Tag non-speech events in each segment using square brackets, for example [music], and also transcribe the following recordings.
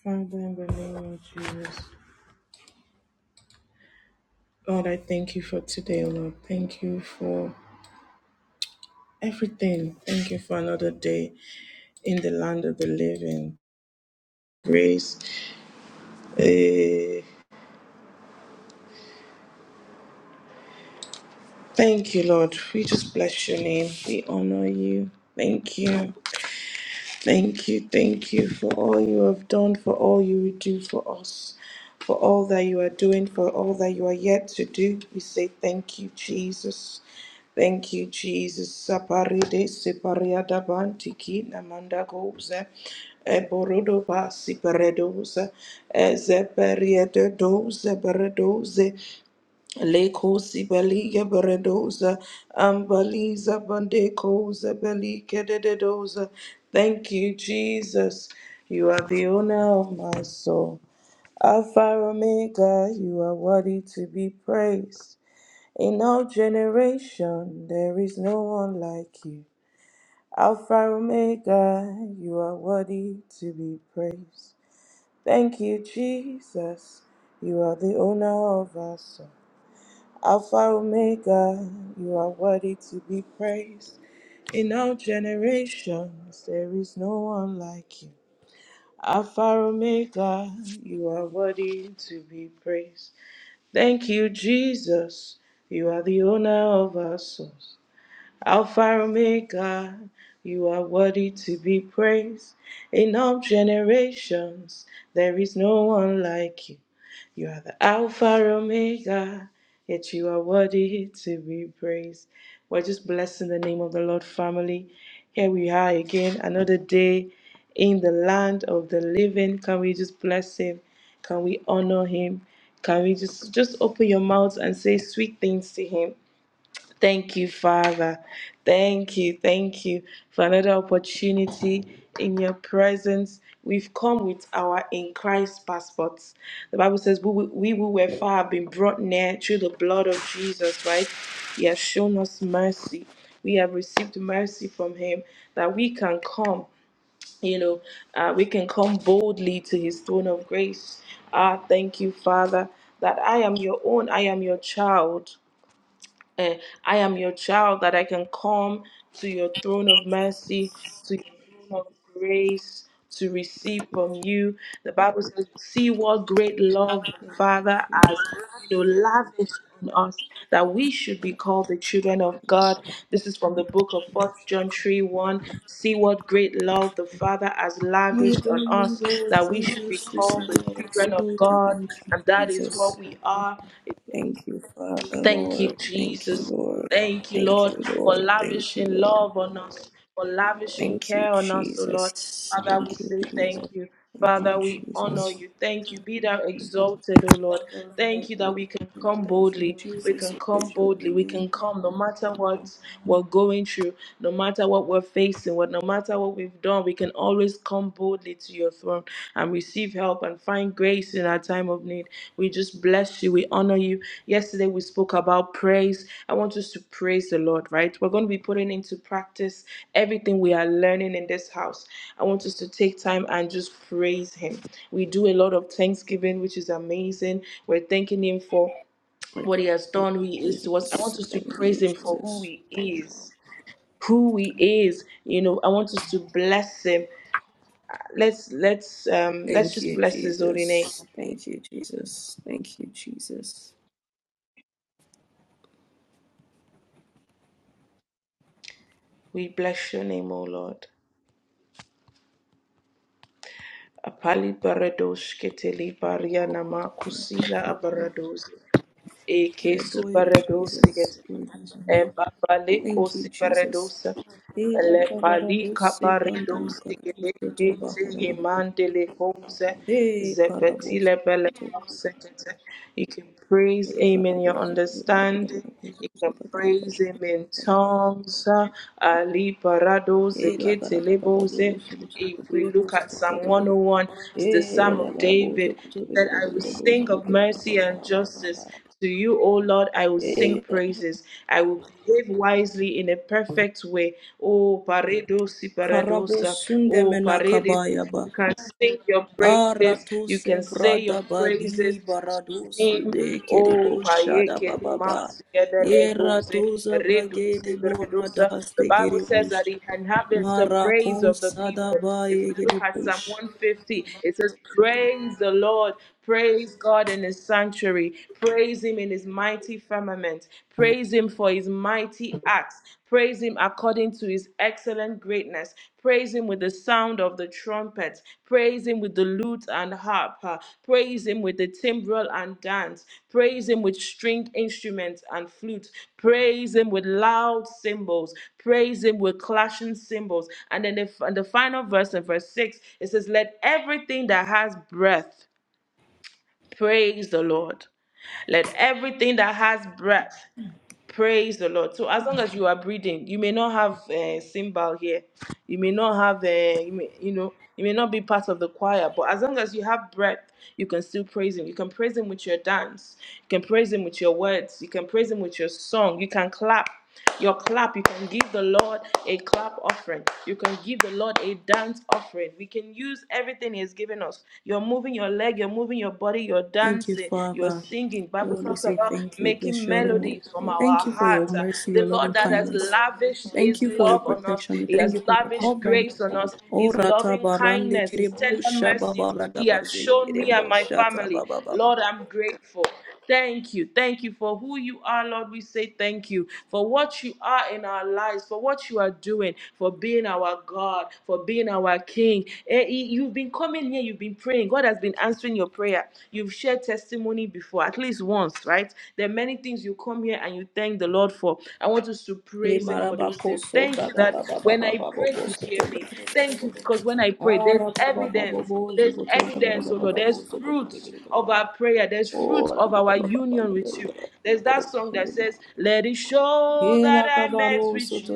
Father, in the name of Jesus, Lord, I thank you for today, Lord. Thank you for everything. Thank you for another day in the land of the living. Grace. eh, thank you, Lord. We just bless your name. We honor you. Thank you. Thank you, thank you for all you have done, for all you will do for us, for all that you are doing, for all that you are yet to do. We say thank you, Jesus. Thank you, Jesus. Saparide separiada bantiki namanda goza. Eborodo ba siperedoza. Ezeperiedo doze Leko sibelia beredoza, ambaliza bandekoza, belike dededoza. Thank you, Jesus. You are the owner of my soul. Alpha Omega, you are worthy to be praised. In all generation, there is no one like you. Alpha Omega, you are worthy to be praised. Thank you, Jesus. You are the owner of us. Alpha Omega, you are worthy to be praised. In all generations, there is no one like you. Alpha Omega, you are worthy to be praised. Thank you, Jesus. You are the owner of our souls. Alpha Omega, you are worthy to be praised. In all generations, there is no one like you. You are the Alpha Omega, yet you are worthy to be praised. We're just blessing the name of the Lord, family. Here we are again, another day in the land of the living. Can we just bless Him? Can we honor Him? Can we just just open your mouths and say sweet things to Him? Thank you, Father. Thank you, thank you for another opportunity in your presence. We've come with our in Christ passports. The Bible says, We, we who were far have been brought near through the blood of Jesus, right? He has shown us mercy. We have received mercy from Him that we can come, you know, uh, we can come boldly to His throne of grace. Ah, thank you, Father, that I am your own, I am your child. Eh, I am your child, that I can come to your throne of mercy, to your throne of grace to receive from you. The Bible says, see what great love the Father Lord, has, you know, lavished on us that we should be called the children of God. This is from the book of 1st John 3 1. See what great love the Father has oh, lavished on you us Lord that we should be Jesus, called receive the our children of exalted. God. Thank you, And that is Jesus. what we are. Thank you, Father, Thank you, Lord. Thank you, Jesus. Lord. Thank you, Thank Lord, you, for Lord. Thank you, lavishing Lord. love on us, for lavishing Thank you, care on us, O Lord. Jesus. Father, we Thank you, say Jesus. thank you. Thank Father, you, we honor Jesus. you. Thank you. Be thou exalted, O Lord. Father, Thank Lord, you that we we can thank you, come Thank you, boldly. We Jesus. can We come praise your holy boldly. We can name. come no matter what we're going through, no matter what we're facing, what no matter what we've done can always come boldly to your throne and receive help and find grace in our time of need. We just bless you. We honor you. Yesterday we spoke about praise. I want us to praise the Lord, right? We're going to be putting into practice everything we are learning in this house. I want us to take time and just praise Him. We do a lot of thanksgiving, which is amazing. We're thanking Him for My God, what He has thank done, who He you, is to us. I Jesus. want us to Thank praise you, Him for who Jesus. He is who he is. You know, I want us to bless him. Let's let's um let's Thank just you, bless his holy name. Jesus. Thank you, Jesus. Thank you, Jesus. We bless your name, O Lord. Apali baradosh keteli baria nama kusila Father, abarados. We Eke adore you, Jesus. suparados We reverence your e name. babaliko Thank you, Jesus. siberedosa Hey, la le kabara palika dosi branda paredosi makarabu soto gedekete baharaba. yemandele kose Hey, karabu zepetile bele soto. kosekete. You can praise Hey, him in karabu your soto. understanding. Karabu You can soto. Karabu praise him in soto. tongues. Ali parado Hey, la zekete karaba lebose. babu soto. If we Begere bu look at Psalm soto. 101, it's the Hey, Psalm of la karabu David. soto. That Begere I will begere bu sing soto. of Begere mercy and babu justice. soto. To you, O Lord, I will sing Hey, praises. I will behave wisely in a perfect way. O paredosi karabu paradosa. sunde O parede. You menakabaya can sing your praises. You Aratose can say your brada praises badi barados name. de Oh, kerebo shada Payeke, bababa. Masyadadegose, Eratosa brage Redus, de Redusa. boradas The de Bible says that kerebush. he inhabits the praise of the Maracosa people. da If we baye look at Psalm kerebush. 150, it says, Praise the Lord, praise God in his sanctuary, praise him in his mighty firmament, praise him for his mighty acts, praise him according to his excellent greatness. Praise him with the sound of the trumpet. Praise him with the lute and harp. Uh, Praise him with the timbrel and dance. Praise him with stringed instruments and flutes. Praise him with loud cymbals. Praise him with clashing cymbals. And then the, and the final verse in verse 6, it says, Let everything that has breath praise the Lord. Let everything that has breath Praise the Lord. So as long as you are breathing, you may not have a cymbal here. You may not have a, you, may, you know, you may not be part of the choir, but as long as you have breath, you can still praise Him. You can praise Him with your dance. You can praise Him with your words. You can praise Him with your song. You can clap. Your clap, you can give the Lord a clap offering. You can give the Lord a dance offering. We can use everything He has given us. You're moving your leg, you're moving your body, you're Thank you, dancing, you're Father. singing. Bible Lord, we talks say about thank you. Bless making your holy name. melodies from our Thank you for heart. your Uh, mercy, your The Lord loving that has kindness. lavished Thank His you for your love on us, protection. He Thank has you for your lavished covering. grace on us, O His rata loving barande kindness, His tender kerebusha mercies. He babarada has baze shown me and my kerebusha ta family. bababa. Lord, I'm grateful. Thank you. Thank you for who you are, Lord. We say thank you for what you are in our lives, for what you are doing, for being our God, for being our King. Eh, you- You've been coming here, you've been praying. God has been answering your prayer. You've shared testimony before, at least once, right? There are many things you come here and you thank the Lord for. I want us to Le praise Him for those things. Thank you that when I Bagababababababo. pray, you hear me. Thank you because when I pray, there's evidence. Arababababobo, There's Zogoto, evidence, oh Lord. There's Bagarabababo, Zogoto, fruits of Bagarababa. our prayer. There's fruits Ora, of our union with you. Babababababa. There's that Oh, song that hallelujah. says, Let it show that Hela I met with you.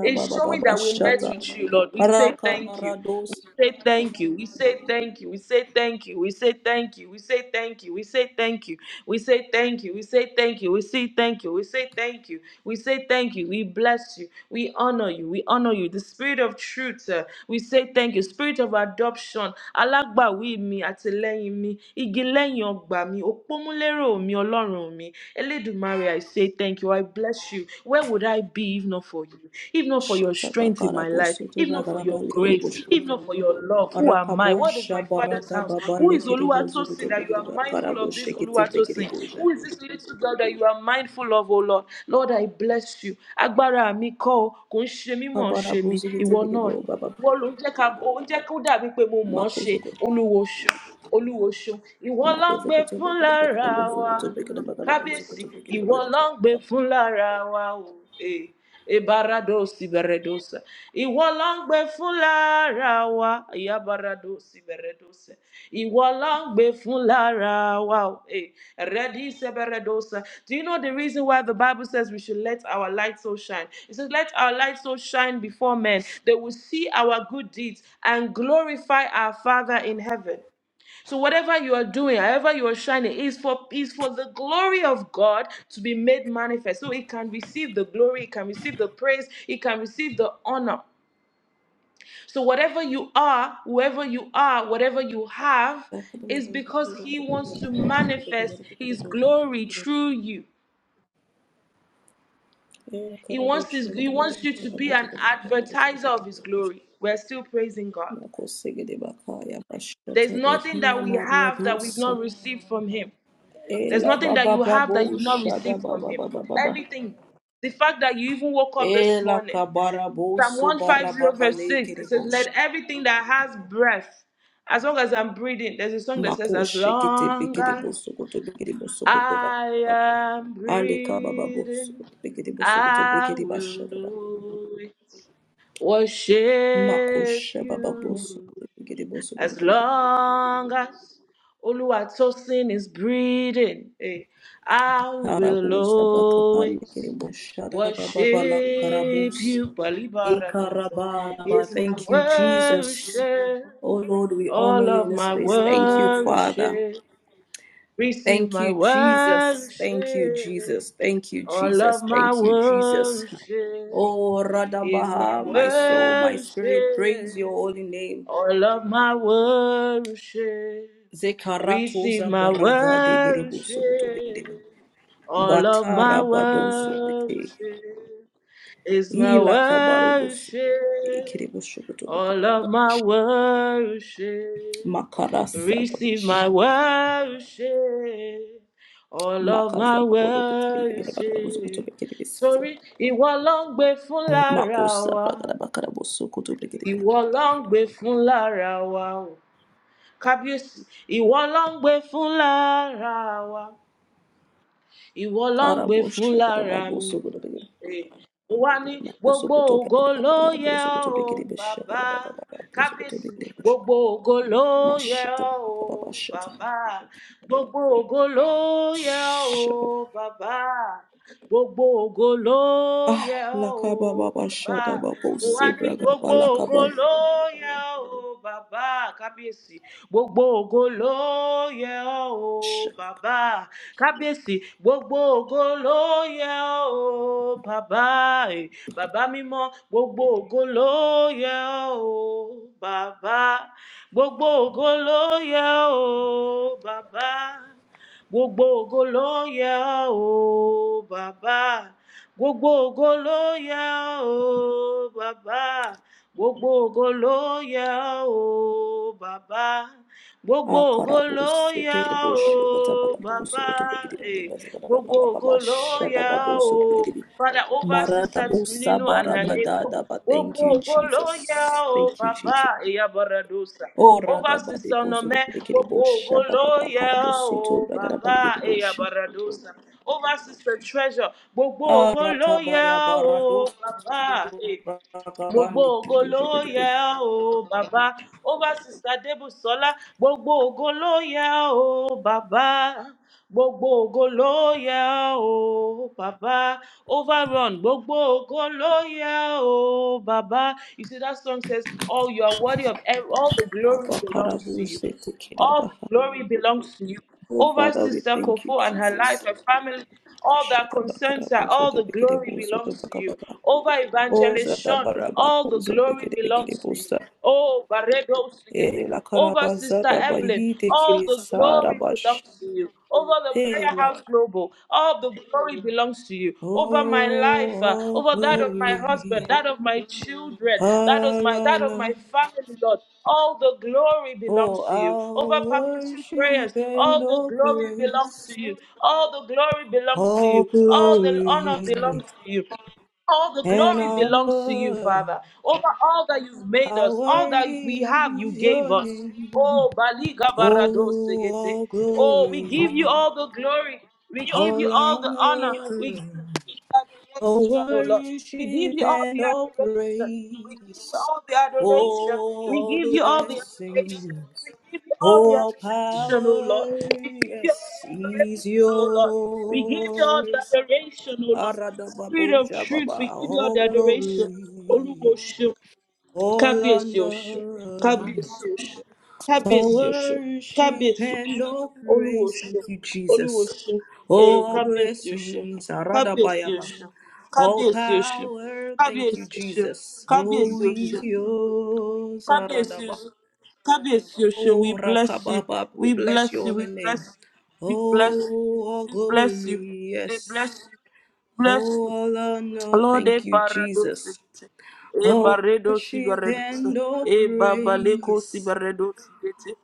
It's baba showing baba that we met with you, Lord. We say thank you. We say thank you. We say thank you. We say thank you. We say thank you. We say thank you. We say thank you. We say thank you. We say thank you. We say thank you. We say thank you. We say thank you. We bless you. We honor you. We honor you. The spirit of truth. uh, we say thank you. Spirit of adoption. Alágbàwí mi, àtìlẹ́yìn mi, igi lẹ́yìn ọgbà mi, òpómúlérò mi, Ọlọ́run mi. Elédùmarè, I say thank you. I bless you. Where would I be if not for for you, if not for your strength in my life, if not for your grace, if not for your love, who am I? What is my father's house? baba Who is Oluwatosin that you are mindful of this Oluwatosin? Who is this little girl that you are mindful of, oh Lord? Lord, I bless you. Agbára mi kọ́ o, kò ń ṣe mí mọ̀ ọ́ Kabara ṣe mi, buzu gete ìwọ náà bo ni. baba Ìwọ ló ń jẹ́ ká ó ń jẹ́ kó dàbí pé mo mọ̀ ọ́ makozo iwo go olúwo ṣeun, olúwo ṣeun. Ìwọ ló ń makozo gbé koto fún beke de bakara lára buzu wa koto beke de bakara buzu kábíyèsí koto beke de ìwọ baja ló ń gbé baba fún lára wa o Eh. Ebarado siberedosa. Ìwọ la ń gbé fún lára wa. Ìyábarado siberedosa. Ìwọ la ń gbé fún lára wa. o. Eh, Redi siberedosa. Do you know the reason why the Bible says we should let our light so shine? It says, Let our light so shine before men. They will see our good deeds and glorify our Father in heaven. So whatever you are doing, however you are shining, is for is for the glory of God to be made manifest. So it can receive the glory, it can receive the praise, it can receive the honor. So whatever you are, whoever you are, whatever you have, sakara de is buzu because koto beke He de wants to bakara manifest buzu koto His beke de bakara buzu koto glory beke de through you. eh He kara wants buzu his, He gete baba wants you to kara be buzu an koto beke de buzu advertiser of His koto glory. We're still praising God. makoze gete bakaya There's bashata nothing bahina that we have that we've maradosa not received from Him. There's ela nothing that baba you have babo that you've not shada received from baba Him. baba baba Everything. The fact that you even woke up this ela morning. kabara Psalm buzu bara 150, baba verse 6, lekere it says, bosh Let everything that has breath, as long as I'm breathing, there's a song that says, As Makoshi kete long bekede as bosokoto bekede bosokoto ra. I am Aleka baba breathing, bosokoto bekede bosokoto I bekede will bashadada. always worship Makosha baba you. bosokoto bekede bosokoto As bekede ba. long as Oluwatosin is breathing, eh, I will Harabos abrakapan always bekede boshada baba bala worship karabos. you. Balibaradosa Ekarababa. is my Thank you, Jesus. worship, Oh Lord, we all honor you of in this my place. Thank you, Father. worship. Receive Thank my you, worship, Jesus. Thank you, Jesus. Thank you, all of Jesus. my Thank you, Jesus. worship Oh, is my Radabaha, my soul, my spirit, praise your worship. holy name. All of my worship, receive Zekaratoza my baraza de geribu worship. sobuto bedebe. All of my Batara badosu bete. worship is my Hila kabarubusu. worship. Ikiribu sobuto All bedebe. of my worship, Makarasa receive my dabush. worship. All of Makaza my bagodo bedebe. Barabuzu kutu worship. bedebe. Sorry, ìwọ ló ń gbé fún lára Makosa wa. bragada bakarabusu kutu bedebe. ìwọ ló ń gbé fún lára wa o kábíyèsí ìwọ ló ń gbé fún lára wa ìwọ ló ń gbé fún Karabosha lára mi garababusu kutu bedebe. Eh, mo wá ní gbogbo Masokoto ògo ló Baba yẹ ọ́ Sokoto o Bikini bàbá Bishaba Baba Sokoto kábíyèsí Bikini Bush gbogbo ògo ló yẹ Mashata ọ́ o Baba Shata bàbá gbogbo ògo ló yẹ ọ́ o Shaba bàbá gbogbo ògo ló Ah yẹ ọ́ Lakaba o Baba bàbá Shata Babo mo wá ní Sebra Baba gbogbo ògo Lakaba ló yẹ ọ́ o bàbá kábíyèsí gbogbo ògo ló yẹ ọ́ o Shaka bàbá kábíyèsí gbogbo ògo ló yẹ ọ́ o bàbá ẹ̀ bàbá mímọ́ gbogbo ògo ló yẹ ọ́ o bàbá gbogbo ògo ló yẹ ọ́ o bàbá gbogbo ògo ló yẹ o bàbá gbogbo ògo ló yẹ o bàbá gbogbo ògo ló yẹ o bàbá gbogbo ògo Akarabo ló yẹ Sekiri Bush o Katabaka bàbá Sokoto Bikini Eh, Bikini Bazaka gbogbo Baba ògo Baba ló Shata yẹ Babo o. Sokoto Father, over Marata Sister Bosa Ninu and her Barada neighbor. Dada But thank you Ogo Goloya, Jesus oh Thank you Jesus Baba, Eabaradosa. Ora Over da ba de Sister bo so Nome, koto bekere bo Ogo sha ba ba ba kara Goloya, bo so to oh ba gara ba ligere Baba, bo sha. Eabaradosa. Over Sister Treasure, Ogo Ara ta ba ya Goloya, ba oh so Baba. eh gbogbo ògo ló so yẹ be. o bàbá ó bá sista débùsọlá gbogbo ògo ló yẹ over sister sista debusola gbogbo ògo ló yẹ o bàbá overrun gbogbo ògo ló yẹ o bàbá you see that song says all you are worthy of ev- all the glory belongs to you. All the glory belongs to you. Oh Over Father, we Sister thank you, Kofo and her life, Jesus. her family, all that Kashata ba kara concerns her, bo so all the to bekere glory bo so to belongs ba to ka you. Over Oh Evangelist zada ba Sean, ra ba all po the so glory bekere bekere belongs bo to you. Oh, Barredo Sigete. E la kara Over ba Sister zada ba Evelyn, hi te all kiri the glory belongs to you. Over the prayer house. Lighthouse Global. All the glory belongs to you over my life, Oh, uh, all over that of my glory, husband, that of my children, that of all my that of my honor, family, Lord. All the glory oh, belongs to you over all purposeful worship prayers. and All the all glory belongs praise, to you. All the glory belongs to all you. All the honor belongs glory to you. All the and glory belongs to you, honor, Father. Over all that you've made how us, all that worthy we have, you is gave your us. name. Oh, Baliga Oh, Barado Segete. all Oh, we give you glory, all the glory. We give you all all the honor. We honor, all adoration, O Lord. We give worship you all and the all adoration. We give you praise. all the adoration. Oh, We all give you all the adoration. blessings, We give you all Oh, the all adoration, O Lord. power, We give you all yes, is the adoration, O Lord. We give you all yours. the adoration, O Lord. Spirit of Aradababosha truth, Baba, we give you all all the glory, adoration. all Kábíyèsí Ọ̀ṣun, honor, Kábíyèsí Ọ̀ṣun, all Kábíyèsí Ọ̀ṣun, worship Kábíyèsí Ọ̀ṣun, and all Olúwo praise. Thank Ọ̀ṣun, you, Olúwo Jesus. Ọ̀ṣun, ee All Kábíyèsí Ọ̀ṣun, blessings, Kábíyèsí Aradabayaba. Ọ̀ṣun, All Kábíyèsí Ọ̀ṣun, power, thank you, Kábíyèsí Ọ̀ṣun, Jesus. Oh, Kábíyèsí is Ọ̀ṣun, yours, Kábíyèsí Ọ̀ṣun, Kábíyèsí Ọ̀ṣun, we Oh, bless you, Rakababa, we we bless bless you, your holy we name. bless you, we bless you, Oh, all we bless you, glory, they bless yes. you. bless Oh, you, all honor, Lode thank you, parados Jesus. e Oh, barredo worship sibaredos and all e babaleko praise. sibaredos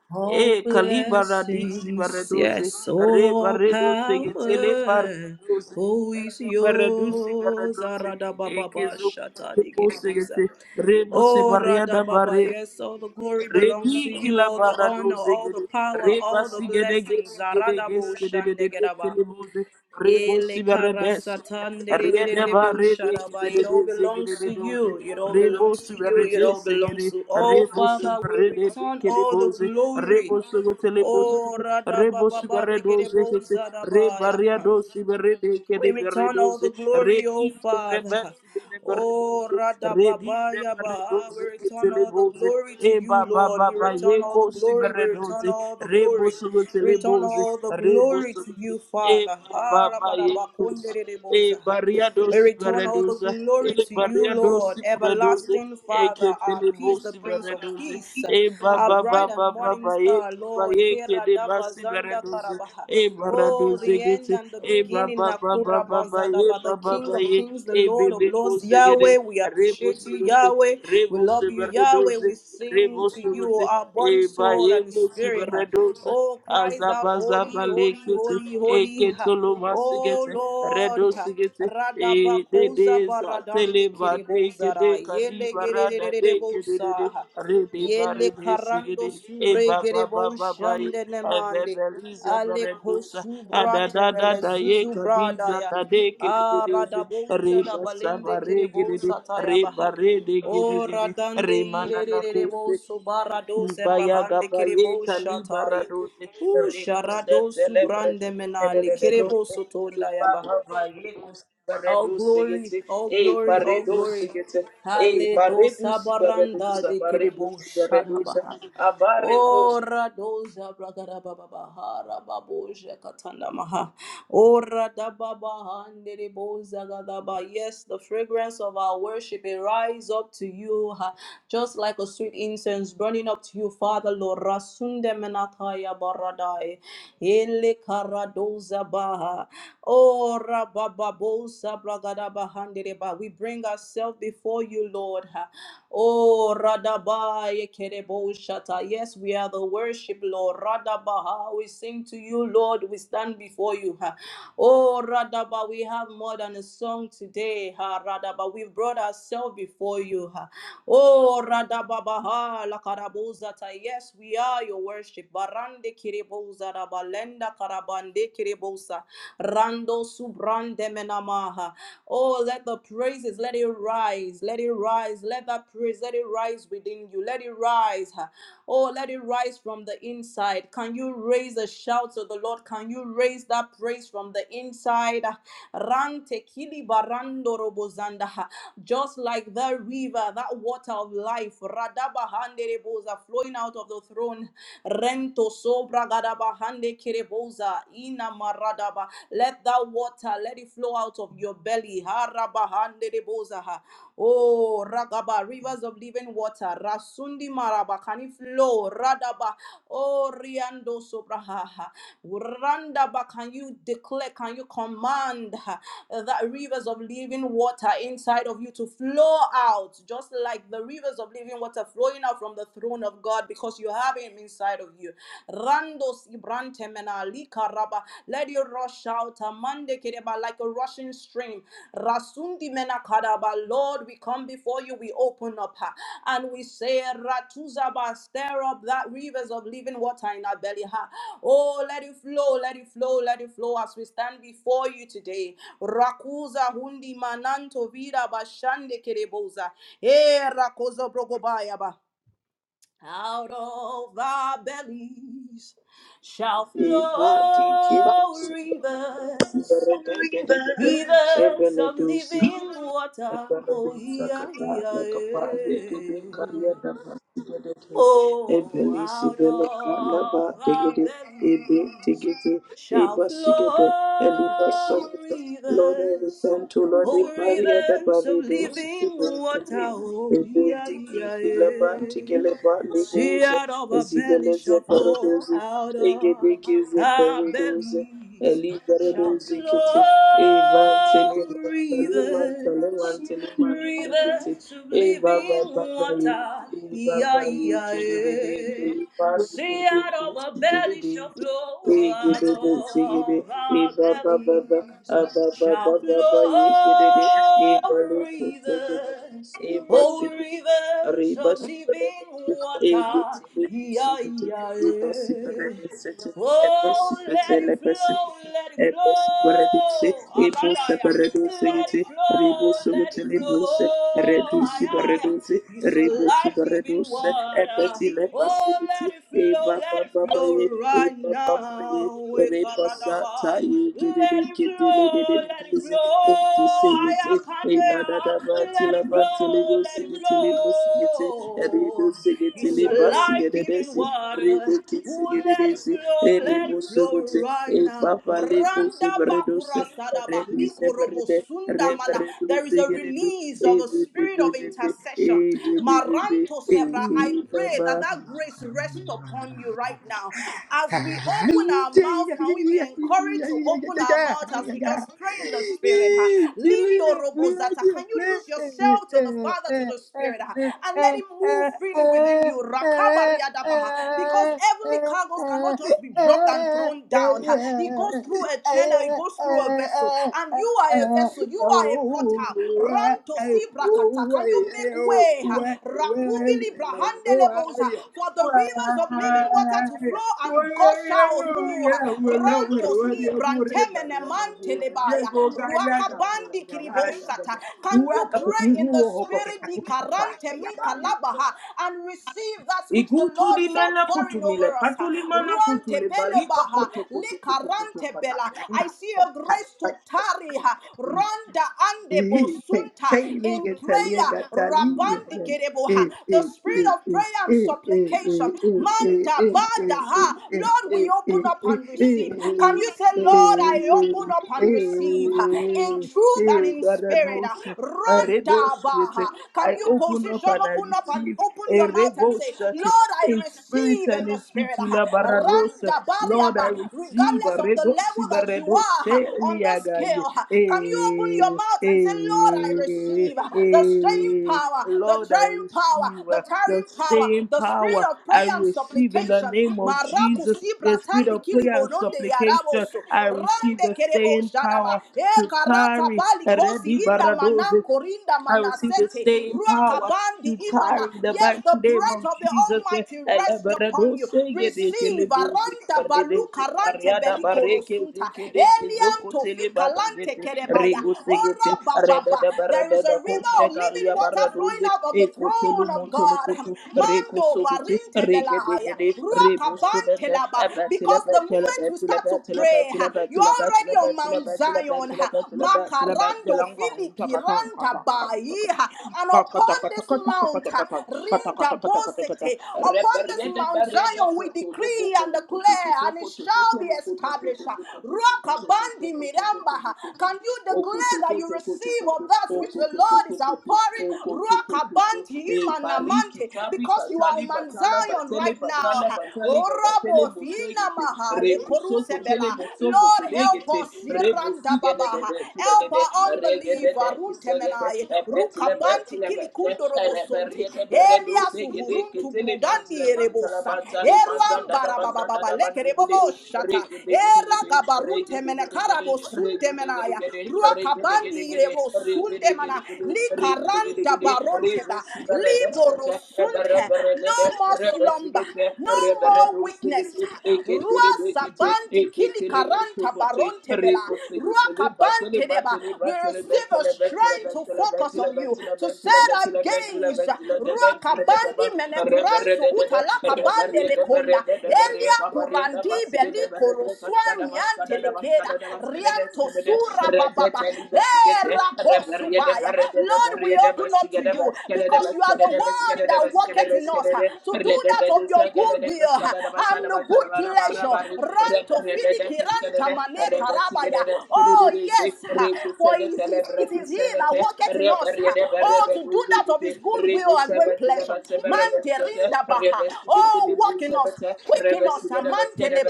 All e calibaradi blessings, sibaredos yes, re all barredo segetele power. barredos Oh, is e barredo yours. sibaredos e Aradababa, kezo kutelepo Shatadi segete re bose Oh, Rada barriada Baba, yes, all the glory belongs to Redi you, kila all the barado honor, all the zegede, power, reba all the sigede blessings. gesigede Zaradabo gesigede de de de Shandegeraba. telemuze, rebo Ele siberedes, karasatan riede dererererebo barede sharaba. kede de It all de zegede belongs to de doze, you. It all rebo belongs to you. It siberede all belongs segede, to oh rebo Father. We siberede de return kede all the boze, glory. rebo sogo telemuze, Oh Rada rebosi Baba beredoze Regerebo kete re baria Zadabaya. dosi berede kede We return all beredoze the re glory, O dize Father. reversi kede Oh, beredoze re dize Radababaya Ba. We beredoze kete return all the leboze glory e to ba you, ba Lord. ba We ba ye return all the kosi glory. We beredoze return all the glory. rebosi kete We return leboze all the glory rebosi to kete you, e Father. ba ba Ah, ba ye e Rabarabakondereboza. We bariados return all the veredusa e glory to you, bariados Lord, veredusa everlasting e Father, que our peace, telebos the Prince of veredusa Peace, e our baba bright and baba morning baba e star, Lord. baye que Hera de daba basi zanda veredusa karabaha. e Oh, baradusa the end gete and the e beginning, baba baba Nakura baba e Bazadaba, the baba King of baye Kings, the e Lord of bebe Lords, kosegede Yahweh. We rebus appreciate you, gete Yahweh. We rebus love you, Yahweh. veredusa We sing to you, Remosubuti, our body, soul, and Ebaeke spirit. Subaredosa, Oh, cries out, Holy, Azabazaba holy, Lekiti, holy, holy. Oh Eketolomasigeti, Lord, Redosigeti, Radabakosa Edeza, Baradande Teleba, Deke, Kiribozara, Deka, Yele Libarada, Gerebosa, Deke, be bari Yele be Karando sigidi e Subre baba baba bai, e Gereboshande e be Nemande. be lize be Ale re kosu da brate da da vele ye zuzu ka di za bradaya. ta de ke di di Ah, di zi re radaboja da ba sa ba balinde re gidi kerebo di sataya re baha. de gidi O gidi radande re ma ire re na re re bo kuse. so barado se Ibayaga brahande baye kerebo kali shatai. baradose Ooh, rekuse Sharado celebrate Subrande Menali, Kerebo celebrate Sotonda Yaba. ibaga baye All kusaredose glory, gete all e glory, all paredose glory. gete e Hale to paredose baredose Sabaranda de Kerebo paredose baredose Shadaba. abare kus Ora doza bragada baba bahara babuja katanda maha. Ora da baba handere boza gada ba. Yes, the fragrance of our worship it rise up to you, ha. just like a sweet incense burning up to you, Father Lord. Rasunde menataya baradai. Ele karadoza baha. Ora baba boza bragada bahandere ba. We bring ourselves before you, Lord. Lord. Oh, Radabaya Kerebo Shata. Yes, we are the worship, Lord. Radabaha, we sing to you, Lord. We stand before you. ha. Oh, Radaba, we have more than a song today. ha, Radaba, we've brought ourselves before you. ha. Oh, Radababaha, Lakarabuzata. Yes, we are your worship. Barande Kerebo Zarabalenda Karabande Kerebosa. Rando Subrande Maha. Oh, let the praises, let it rise, let it rise, let that praise, let it rise within you, let it rise. Oh, let it rise from the inside. Can you raise a shout to the Lord? Can you raise that praise from the inside? Rante kili barando robozanda, Just like the river, that water of life, radabahandere boza flowing out of the throne. Rento sobra gadabahande Oza, Ina Maradaba. Let that water, let it flow out of your belly. Harabahandedebozaha. Oh, Ragaba, rivers of living water. Rasundi Maraba, can it flow? Radaba. Oh, Riando Sobrahaha. Randaba, can you declare, can you command ha, that rivers of living water inside of you to flow out, just like the rivers of living water flowing out from the throne of God? because you have him inside of you. Randos ibrantemena likaraba. Let you rush out. Amande kereba, Like a rushing stream. Rasundi mena kadaba. Lord, we come before you. We open up ha, and we say, Ratuzaba, stir up that rivers of living water in our belly. ha. Oh, let it flow, let it flow, let it flow as we stand before you today. Rakuza hundi mananto vida bashande kereboza. Eh, rakozo brogobaya ba out of our bellies shall e party flow kibos rivers, baredose rivers ebele of dose living Lord, water. I repent Oh, yeah, to yeah, yeah. Oh, out of our bellies shall flow rivers. Lord, the Oh, paria da rivers of paridos to living the today. water. Oh, Ebe yeah, tiki yeah, tilaban yeah. tigeleba See, legos, out of our belly ezibeleze shall flow, paradosi, out of egedeke ze our paradosi. bellies Eliberedo shall flow zikiti evantele mantele rivers, mantele mantele mantele kiti rivers of E baba living baba, ye water. e Yeah, baba, ye yeah, kedede yeah. kelipari See, kede out of kusi our belly kedede shall flow, out egedede sigede of E our baba baba, bellies ababa baba shall baba, ye kedede flow evale kusi kedede rivers Oh, ebasigede rivers of Ribas living Ebus water, yeah, Ebusukiti yeah, yeah. Ebasipereduseti Oh, let it Ebasipetele flow, Basipiti let it Ebasipereduse flow. Aradaya, let Ebusapereduseti it flow, let it Ribusukutili Buse flow. Ay, ay. Redisipereduse It's a life giving Ribusupereduse water. Ebetile Oh, Basipiti let it e flow, ba ba let it ba ba flow ye e right ba ba ye now. re ba sa ta Ekaradabaya. ye ke de de Let it ke de de de de flow, let de de it ze e ke se flow. ye te e la da da Ayakanea, ba ti let la it ba ti le go flow, si let it ge ti le go si ge te e re do flow. si ge ti It's le a ba si ge life de de giving si re water. do ki si Oh, ge de de let it si e flow, re let bo it se go flow te right e ba now. ba le go se be Randa re do se bakura e re sadaba di se be re likorobo de sunda re be mana. re do There is si a ge de de release e of a be be spirit be of be be intercession. e be be be be Maranto e Sebra, I pray that baba that grace rest upon you right now. As we open our mouth, can we be encouraged to open our mouth as we just pray in the spirit? Ha? Lindo Robozata, can you lose yourself to the Father, to the Spirit, ha? and let Him move freely within you? Rakabariadabaha. Because heavenly cargoes cannot just be dropped and thrown down. ha. It goes through a channel, it goes through a vessel, and you are a vessel, you are a portal. Ranto Sibrakata, can you you make way. Rakuvili brahandelebosa, For the rivers of living water to flow and gush out through. ha. Rantos ibrantemenemantelebaya, ruakabandi kiribosata. Can you pray in the spirit nikarantemi kalabaha, and receive that which the Lord is Ikutulimena outpouring kutumile over us? ha? patulimana kutule balika Ruantebelebaha, poto poto poto poto kata likarantebela. I kakenga. see a grace to tarry. Randa ande Take bosunta take in liga talia prayer. gatalia. Rabandi gatali. kereboha. Eh, The eh, spirit eh, of eh, prayer and eh, eh, eh, supplication. eh, eh, eh, Manda eh, badaha. eh, eh, Lord, we eh, open up and receive. Can you say, Lord, I open up eh, eh, and receive in eh, truth and eh, in spirit? Baranosha, Aredosha. I read Randa those with baha. it. Can I you open up position, and I open up and receive open a your mouth and say, rebosha Lord, I in spirit receive in and the in spirit. truth. Randa Lord, I bariaba. receive Regardless a of the redoxy, level a that you are redoxy, on the liagai. scale, can you open your Eh, mouth and say, Lord, I eh, receive eh. the staying eh. power, the Lord, I tearing power, receive the uh, the tearing power, same the spirit power of I prayer and receive in the supplication. name of Maraku Jesus, the sibra spirit tandi of prayer kilibo and nonde supplication. yaraboso. I receive Rande the kerebo staying sharaba. power E to karata carry. bali kosi Ready, inda manan Baradoze. korinda I receive the manasete. same power Ruakabandi to imana. tiring the Yes, mighty the name of breath of the Jesus. Almighty rests upon Elebrado you. sege deke Receive lebose. aranda Rede balu karante zekariada beliko bareke rosunta. zeke deke Elian zoko tofi tele kalante bategete. kerebaya. Rego Ora segete, ba reda da There is barada a da river of koshe living kalia water flowing baradoze, out of the kotolo throne of motolo God. koto reko Mando sokote barinte reke belahaya. degede rebo sobete Ruakabantelaba. abatila Because the batila moment you batila start to batila pray, batila you're batila batila already on batila Mount batila Zion. batila batila batila batila Makarando ngong taka taka filikiranda taka bai. taka And taka upon this taka taka taka taka mount, taka taka rinda taka taka taka bosete. Upon this Reberiede Mount beriede Zion, we kotolo decree and bokolo declare, kotokoto and it shall be kotokotolo established. kotokotokoto Ruakabandi kotokotokoto kotokotokoto miramba. Can you declare that you receive okotokotokotokoto of that which the Lord is okotokotokoto outpouring? okotokotokoto Ruakabanti epariki imanamante, tabi because you are katali on batala Zion batele right now. batala batali gabatele Orabo bosegete finamaha rebusoko tele lekorusebela. bosoko Lord, help telegete us. iranda rebosige de de Irandababaha. de de de Help de our regede unbelief. de kisegete Aruntemenai. epetile Rukabanti betile bete kilikundo robosonte. Reberiete Beredo Elias Segede, uhuruntu Kitili Mantile brudandi Mantala erebosa. Bantali Manzanda da Eruambara Bazanda babababa da Bandigidi, lekerebobo shata. Rigidigidi, Era Rigidigidi, gabaruntemene karabo Rigidigidi, sundemenaya Rigidigidi, ruakabandi rebo sundemana Rigidigidi, li karanda Rigidigidi, baronteba Ribus the liboro Redescate, sunte Ebereberede, no more slumber Rebesigete, no more Reberedo weakness Sigeti, rua Ekitili Bikiti, sabanti kili Ekitili karanta Kutukuti, barontebela Rico Sigitili, Batili ruakabante deba Batili we Batili receive a Batili Batili strength to Batili focus Batili, on you to set our gaze ruakabandi menekuransu utalakabande lekonda elia kurandi beli koroswami riante lekeda, rianto sura bababa, era kosubaya. Lord, we open up to you because you are the one that worketh in us ah, to do that of your good will ah, and the good pleasure. Ranto filiki ranta Reberre mane Rebus, karabaya. Oh, yes, ah, for it is, it is he that worketh in us. ah, Oh, to do that of his good will and great pleasure. Manderinda baha. Oh, work in us. Quicken us, Amantele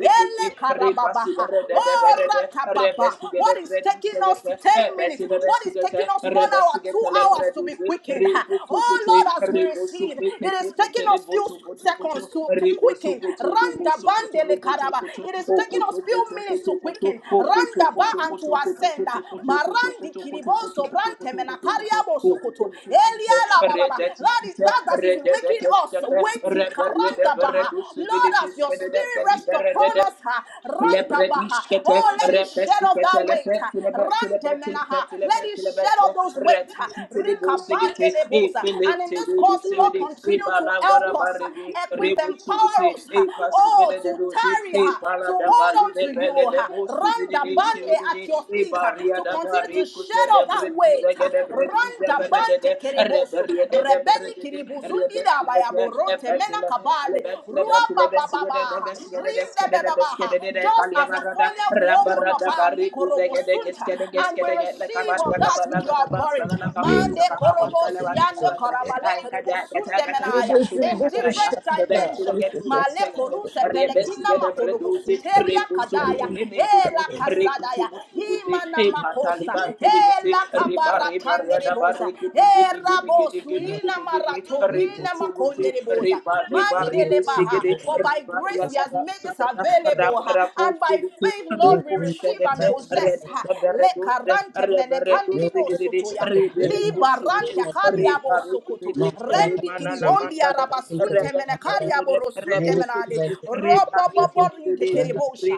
Ele karababaha. Oh, ratababa. What is taking us 10 minutes? What is taking us one hour, two hours to be quickened? rebo Oh, sokote Lord, as we rebo receive, sokete it is taking kete us rebo few sokoto seconds koto to, to rebo quicken. sokoto lobo Randa sokoto bandele lobo karaba. sokoto It is taking okoto us few koto minutes koto to koto quicken. okoto Randa ba koto and to koto koto koto ascend. ah. koto koto koto koto koto Marandi koto koto kiriboso koto brante koto okoto menakariabo sokoto. Elia koto la rede thats That is tikita that that is rede making us dekete weighty. rede rede Karanda baha. rede sikede Lord, as your as your sikede spirit rests upon dekali us, ha, randabaha. Lebredishkete, oh, let it shed off that repesikete, weight. ha, lepetilebe, tilebe, tilebe, randemenaha. Let tilebe, it tilebe, shed te, off those weights. ha, retititilebosigete, rikabandelebosa. And in this course, Lord, epeletelebetilebe, continue to help us, ebalagarabarebe, ha, equip, empower rebutsubuti, us, ha, oh, to epasibedebosi, tarry, ha, to hold epaladabali, on to you, ha, randabande at your lebelebosibididishibidi, feet, ha, Maria to da continue to Barico shed off that celebrate weight. ha, Zagadabrati Zabarade, randabante kereboso, Reberia de rebeni Berede, kiribuzundi da Rebecca, bayaboronte mena Ebatilla, kabale. Lebatilla, Batilla, Bessia, the Ruabababaha, Bessia, the Descada, the rindebebabaha. Bescada, the Just as a Caliamarada, funnel, we open up Rabarada our Barico Zagade, likorobosunta Gescada, and we Gescada, the receive of Cabaria that Yes. Cabala, which we the are pouring. Basana, Mande korobo siande Sakawata, korabale I Kaja, kerebosunde menaya. Katabina, Tuba, In Kataya, different Ben, till I dimension. get to the Male second, koruse Rebessia, pelekina the Bredozi, makorobosunteria kadaya. Rebusukutu, Rebecca, Ela kasadaya. Rebutu, Imana Rebarre, makosa. Ela Rebarre, kabaratande rebosa. Era bosuina maratovina makonde rebosa. Mandelebaha. For by grace he has made this available. And by faith, Lord, we receive and possess. Lekarante menekandiribo sotoya. Libarante kaliabo sokoto. Rendi kiribondi arabasunte menekariabo rosunte menade. Roboboborinde Thank you. kerebosha.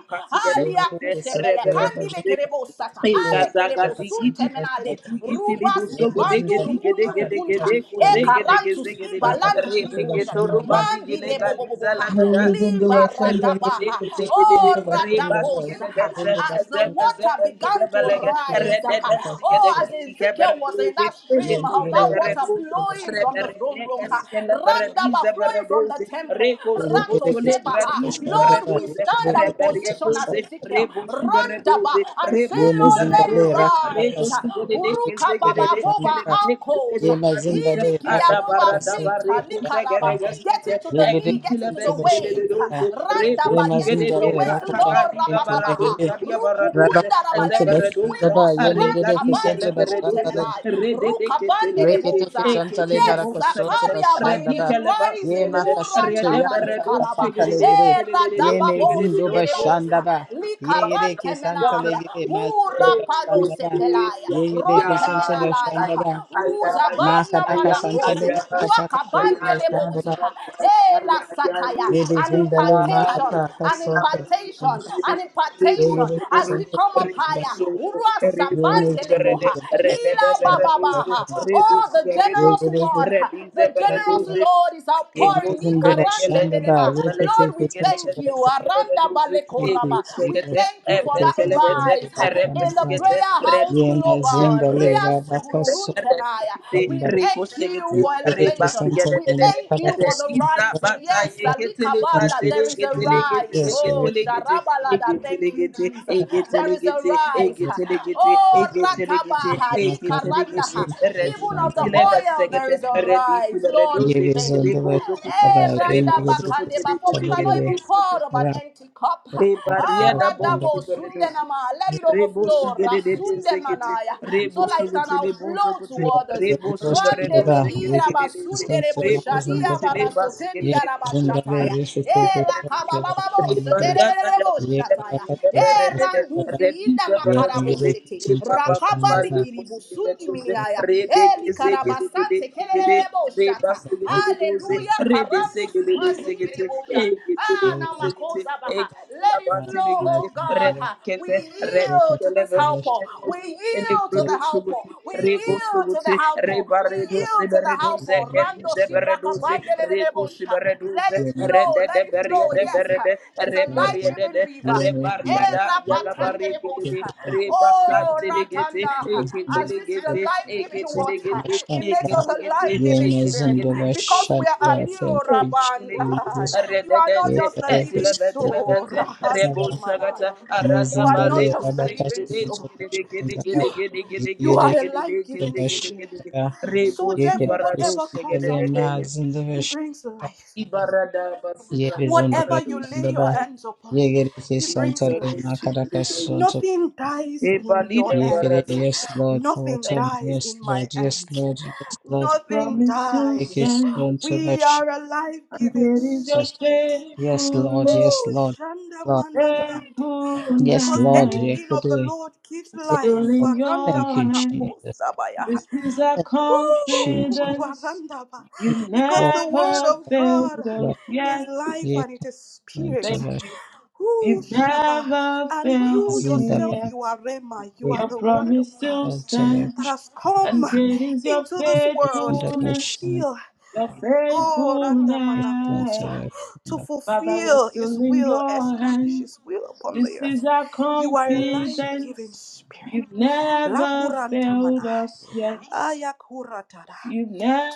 Thank Alia kusebele kandile Rebarre, kerebosata. Ale Thank kerebosunte menale. Rubas ibandu rukundu rukunta. E karantus ibalan mandi kiriboja, mandi leboboboboha, libaradabaha, oh radabosa. As the water began to rise, oh, as Ezekiel was in that stream how that water you. flowing from the throne room, Reberedekeskele randaba beredize flowing from the beredoze. temple, rato Rekosogotole sebaha. bradizi Lord, we beredoze. stand and position as Reberiekoze. Ezekiel, Rebosu randaba, beredoze. and say, Rebosu Lord, let beredoze. it rise. Rebosu Uruka baba above our you. ankles, beredekesegededeskededekesede Ye mazimba bradisha. ili de kiriabo raka above our Adabaradaba feet. kasuntu ah, likaraba. raka Get rekosegedegeskete into the yegede knee, iti get la into kasuntu the besi gede de weight. ah, bashaka doze, rebo ye Randaba, su get gede mazimba into the de de waist, ka- raka Lord. kagadi kasuntu rabababa, gabara ah. yegede doza, dia bara raka doze, Rukubunda raba, eze kasuntu Let it bere bashaka sweep doza, ba us. ye are megede gadi Rantabali kasuntu gele bere bashaka le doza, kuruntemenai. re de de ke tele rekete gete, Rukabandeleboza. e kasuntu ke le tele Yes, gara bo kasuntu sagate, Sakaria, but re bashaka it di ba is gele basi ye rising. gede de, re makasuntu de bere yakata Nurandamanekaraba. doze kasuntu gede le de, gere gede de de ye doze gede de mezindo Eradababosi doze, bashaka gereboza. ba ye gede kasuntu Reduce, le Likarantemenaya. gere mazindo Urapalo bashaka ba sepelaya. ye gede kasuntu Rontemenalaya. bashaka ba Rana Masataka Santale manakoze. Kataka Ruaka Sonto bandele boza. Sandra Eh, la sataya. Ladies An in the Lay impartation, Masataka an Sonto and impartation, an impartation. Ladies As we Sonto come up and the higher, Urua Ladies sabandele in the boha. Lay Masataka Ila Sonto bababaha. Oh, reduce, the reduce, generous Ladies one, reduce, the generous Sandra reduce, Lord is Ladies Reko outpouring. in the Ikaranche deleba. Shandaba Ladies in Lord, we the thank you. Shandaba Aranda Thank you balekoraba. We Jesus thank you to for that take this one to rise the in the Shandaba prayer house Yenas in global. the Lay Rabaka Sonto Ria and we the thank you segete, for reba Ladies elevation. Santale segete, We thank you Masataka for the Redisa rising. Yes, Sonto bataye Thank Alikabanda, you, there is a rise. Jesus. We Oh, Sharabalada, thank you, Jesus. Thank you, There is a rise. Lord. Oh, We Ratabaha, thank you, Lord. We Likarandaha. thank Even of the you, oil, there is a rise. Lord, Ye we thank bizondo you. Eh, bashanda ye negede Randabakande, Before we cannot even pour out of an ora empty cup. bashanda Ah, Rebarriada bashanda bolso Radabo, do redoso. Sundenama, Let ye it Rebo overflow. sugere de de bizondo zekete, Rasundemanaya so rebo that it can and sugute le bashanda bozo outflow to gute, ba others. ye rebo bizondo ya sugere bizondo Rande do ba zekete merira de de de ze, basundere rebo boshadia sugute le basigere ye barasotendia de de ze, bizondo be rabashataya. ye sese tsatsa Ela rebo kabababo bashanda ba standa ba seterere da ku ye kata boshataya. zekere de E bashanda bere de de, randu ba rebi fiida de ye bere do makarabo ze, negede sete. le tsatsa ba ba ba ba bashanda Rakabali le ba bo kiribu sigere sundi miniaya. re de ke Eli zegere de karabasante kerere re ba boshata. We Hallelujah. re de Karandu zegere de sibande zegete, e kereboja. Ah, We na are makoza e baha. Let it are flow, oh the God. rest, We kete reti yield breaketh to this kelebe the crowd, helper. zidere We dozi yield ele yield to brudu the helper. subuti We rebo yield to subuti the helper. reba We redo yield to sibere the to doze helper. gedi Rando the zebere sibraka doze center, reko that bandelelebosha. sibere Let doze we are it making flow. rede de Let it the berie flow. cut de Yes. with berede the It's a reberie center, de life-giving de we river. are making rebaria the Eh, rest, da and that take kedede rabatandelebosa. it up, reba Oh, sante legete ratanda. ekete As this is a legete life-giving ekete so water, the legete it shut makes the us a life-giving Vienna's spirit and the rest because we shut are a the Thank little you, rabanda. Jesus. You are not Rededete, just a living breaketh etilebete, soul. the Rahant rest, rebusagata, manaya. You are not Mezindale aratabariku, just a living sigididis, Rabakastinto soul. Bashandaba You. gidigidigidigidigidigis, You are Yigedek a life gididikis, giving spirit. gidigidigidi, Bashaba So, therefore, rebusubarado, whatever comes Yigedekistale out of sigididideye, you, it Mazindavash brings life. ibarada, basikalia, Whatever you barado, lay your Yebizundabashandaba hands upon, it brings Yigedekistantale life. Makarakasonto Nothing dies in your ebalida, Yigede hands. barado, Yes Lord for what Nothing time dies Yes in my Lord Yes hands. Lord Yes Lord Nothing Promise to dies. stand Yigedekistonto We are Bashas a life and giving there is your spirit. Yes Lord faithfulness, Yes Oh, Lord Shanda Lord Mananandi. Yes Because Lord anything of faithfulness. the Yigede Lord gives Yes life. Still Lord in Faranda Thank your you hands, Jesus manako Sabaya. this is our Thank you Jesus Woo! [laughs] confidence. Warandaba. You It have Because was the word never of failed God us like is yet. life a and it is spirit. Thank controversy you. Woo, You've Shaba. never And you failed in the me yourself, band, you yet. are Rema. You a are Your the word of promise God still that stands, controversy has come and great is your into in this world the to faithfulness. ocean, fulfill. Your Oh, Randa a Manakusa, faithfulness. controversy in to the Father, we're fulfill his still in will, your ocean. establish hands. his will upon This the earth. is our You are They a were life so giving confidence. spirit. You've never Lakuranta failed mana. us yet. Ayakuratada. You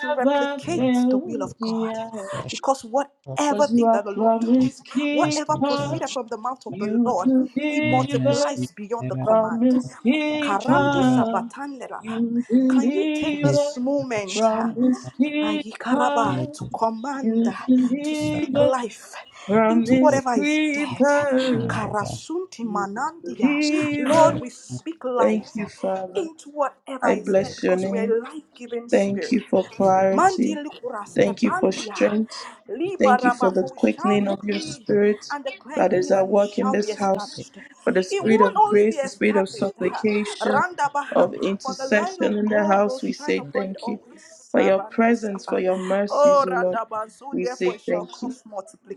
To a replicate the will failed of me God. yet, Because whatever 'cause you thing are that the Lord controversy, promise touches, this whatever keeper. proceeded controversy from the mouth of the You Lord, it in as deliver, the multiplies beyond the era command. of promise Karandu Chandava keeper. sabatanderaba. You Can you take is deliver, this the moment? Shandava, uh, promise Ayikaraba, keeper. to command, uh, You to speak Shandava, deliver, life into promise whatever is dead. keeper. Karasunti manandia. Lord, Shandava, Deliver. we speak Thank life you, Father. into whatever I is dead Shandava, bless your because we are name. a life giving Thank you spirit. for Shandava, Mandi clarity. Lukuras Thank you for Epandia strength. Thank you, Liba Thank you for Rabba, the for Lord. we shall quickening of your We decree accept spirit and declare it that is in at and it work in shall be this house. it. established. For the It spirit won't of only be grace, the spirit of established, [laughs] ha, supplication, Randa Baha, of but the light of intercession in the God will house, we shine say upon it thank you. always. For your Sarando presence, for Saba. your Oh mercies, O Lord, Radaban, so we therefore say it shall thank you. cause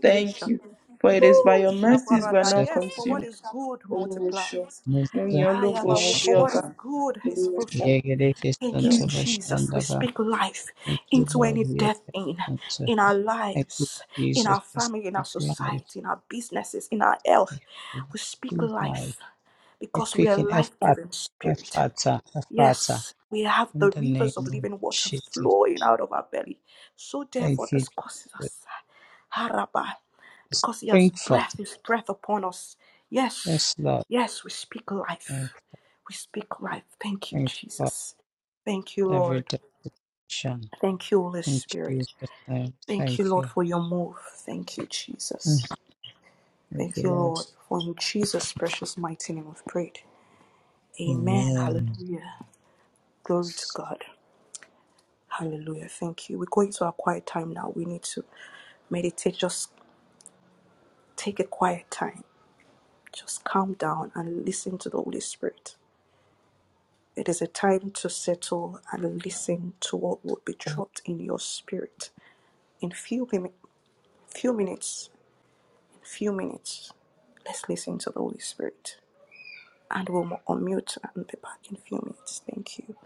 Thank you. For it is by Oh your mercies we are Shabarada, not yes, for what consumed. is good Olúwo ṣeun. multiplies. Mo yìn ọ́ Ah, yeah, lógo, but mo gbé for ọ what ga. is good is Olúwo fruitful. Thank ṣeun. you, Jesus. We speak life into any death in in our Thank you, lives, in Jesus, our for family, in our speaking life. society, in our businesses, in our health. We speak Speak life. life A because we quick are and effort, life-giving spirit. effort, effort. Yes, we have In the the name rivers of of living water Jesus. flowing out of our belly. So Thank therefore, you, this causes us Jesus. haraba, because He Bring has forth. breath His breath upon us. Yes, Yes, Lord. yes, we speak Bring, life. We speak life. Thank you, bring forth Jesus. Thank you, every Lord. day. Thank you, Holy In Spirit. Jesus' name. Thank Thank you, Lord, for you. your move. Thank you, Jesus. Thank Thank you, you, Lord. Lord, for in Jesus' precious mighty name we've prayed. Amen. Amen. Hallelujah. Glory to God. Hallelujah. Thank you. We're going to a quiet time now. We need to meditate. Just take a quiet time. Just calm down and listen to the Holy Spirit. It is a time to settle and listen to what would be dropped in your spirit. In few mi- few minutes, few minutes, let's listen to the Holy Spirit. And we'll unmute and be back in a few minutes. Thank you.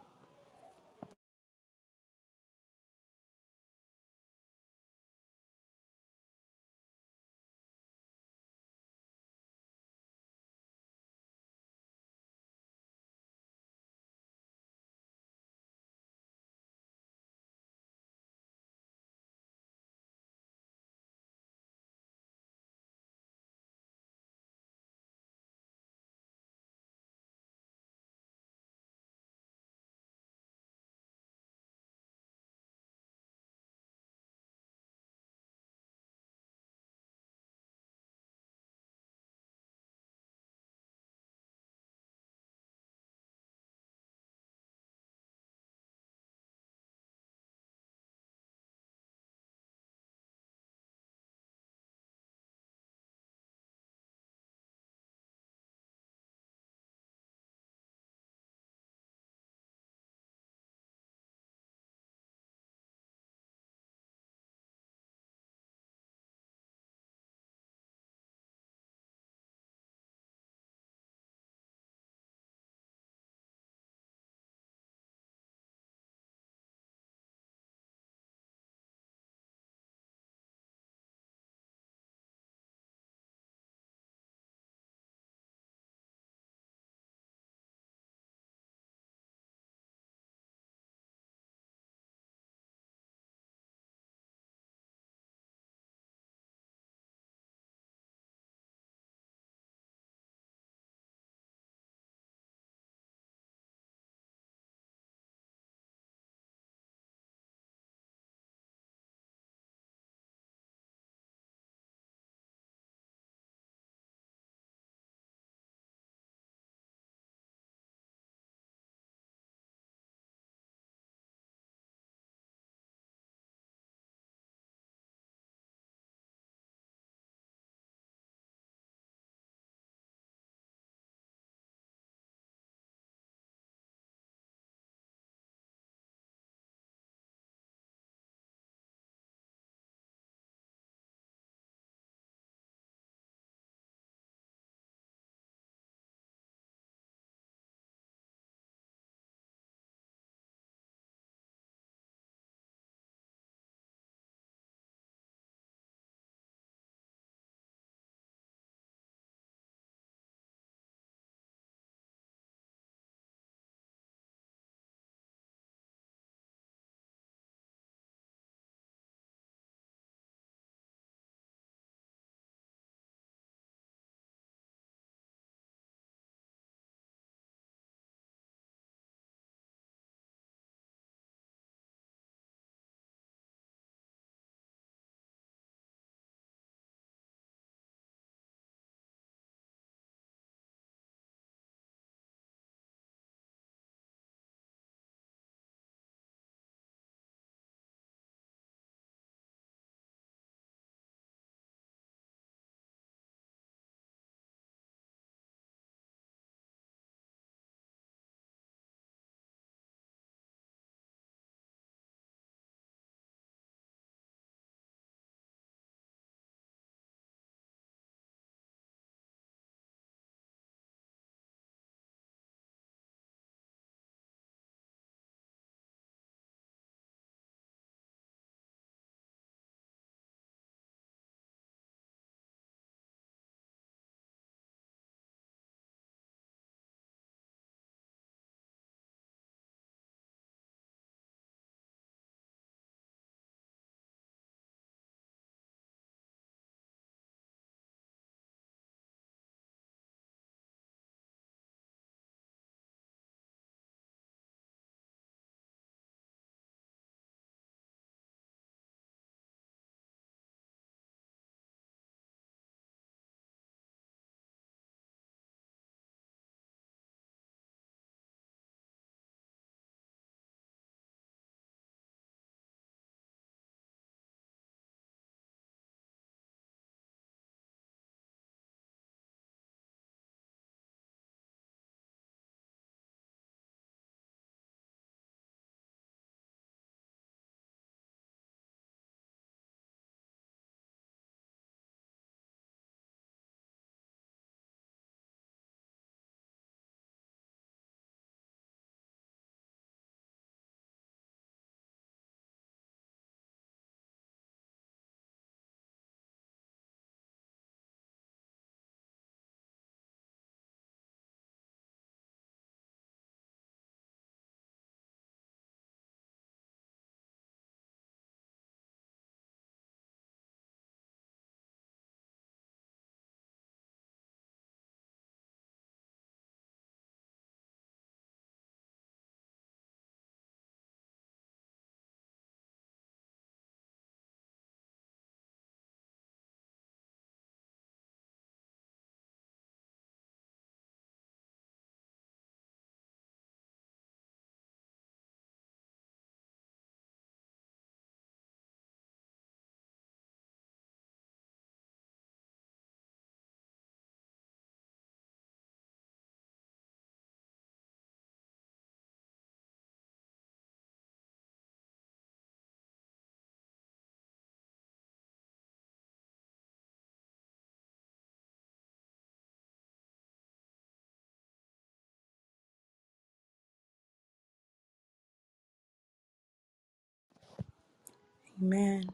Amen.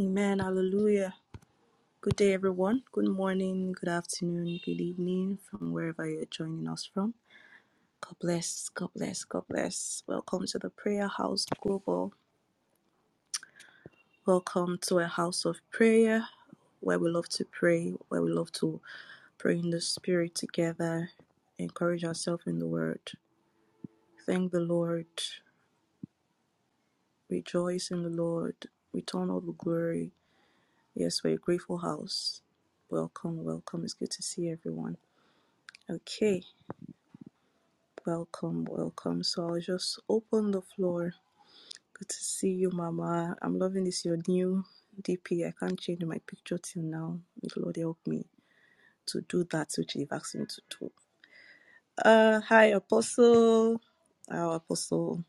Amen. Hallelujah. Good day, everyone. Good morning, good afternoon, good evening, from wherever you're joining us from. God bless, God bless, God bless. Welcome to the Prayer House Global. Welcome to a house of prayer where we love to pray, where we love to pray in the Spirit together, encourage ourselves in the Word. Thank the Lord, rejoice in the Lord, return all the glory. Yes, we're a grateful house. Welcome, welcome. It's good to see everyone. Okay. Welcome, welcome. So I'll just open the floor. Good to see you, Mama. I'm loving this your new DP. I can't change my picture till now. May the Lord help me to do that which They've asked me to do. Uh, hi, Apostle. Our Apostle,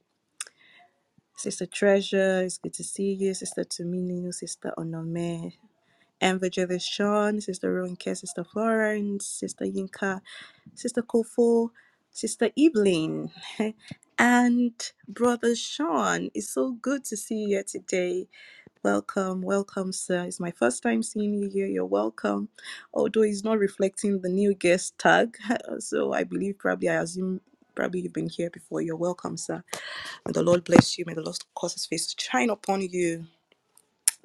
Sister Treasure. It's good to see you, Sister Tuminu, Sister Onome, and Sean, Sister Ronke, Sister Florence, Sister Yinka. Sister Kofo, Sister Evelyn, [laughs] and Brother Sean. It's so good to see you here today. Welcome, welcome, sir. It's my first time seeing you here. You're welcome. Although it's not reflecting the new guest tag, [laughs] so I believe probably I assume probably you've been here before. You're welcome, sir. May the Lord bless you. May the Lord cause his face to shine upon you.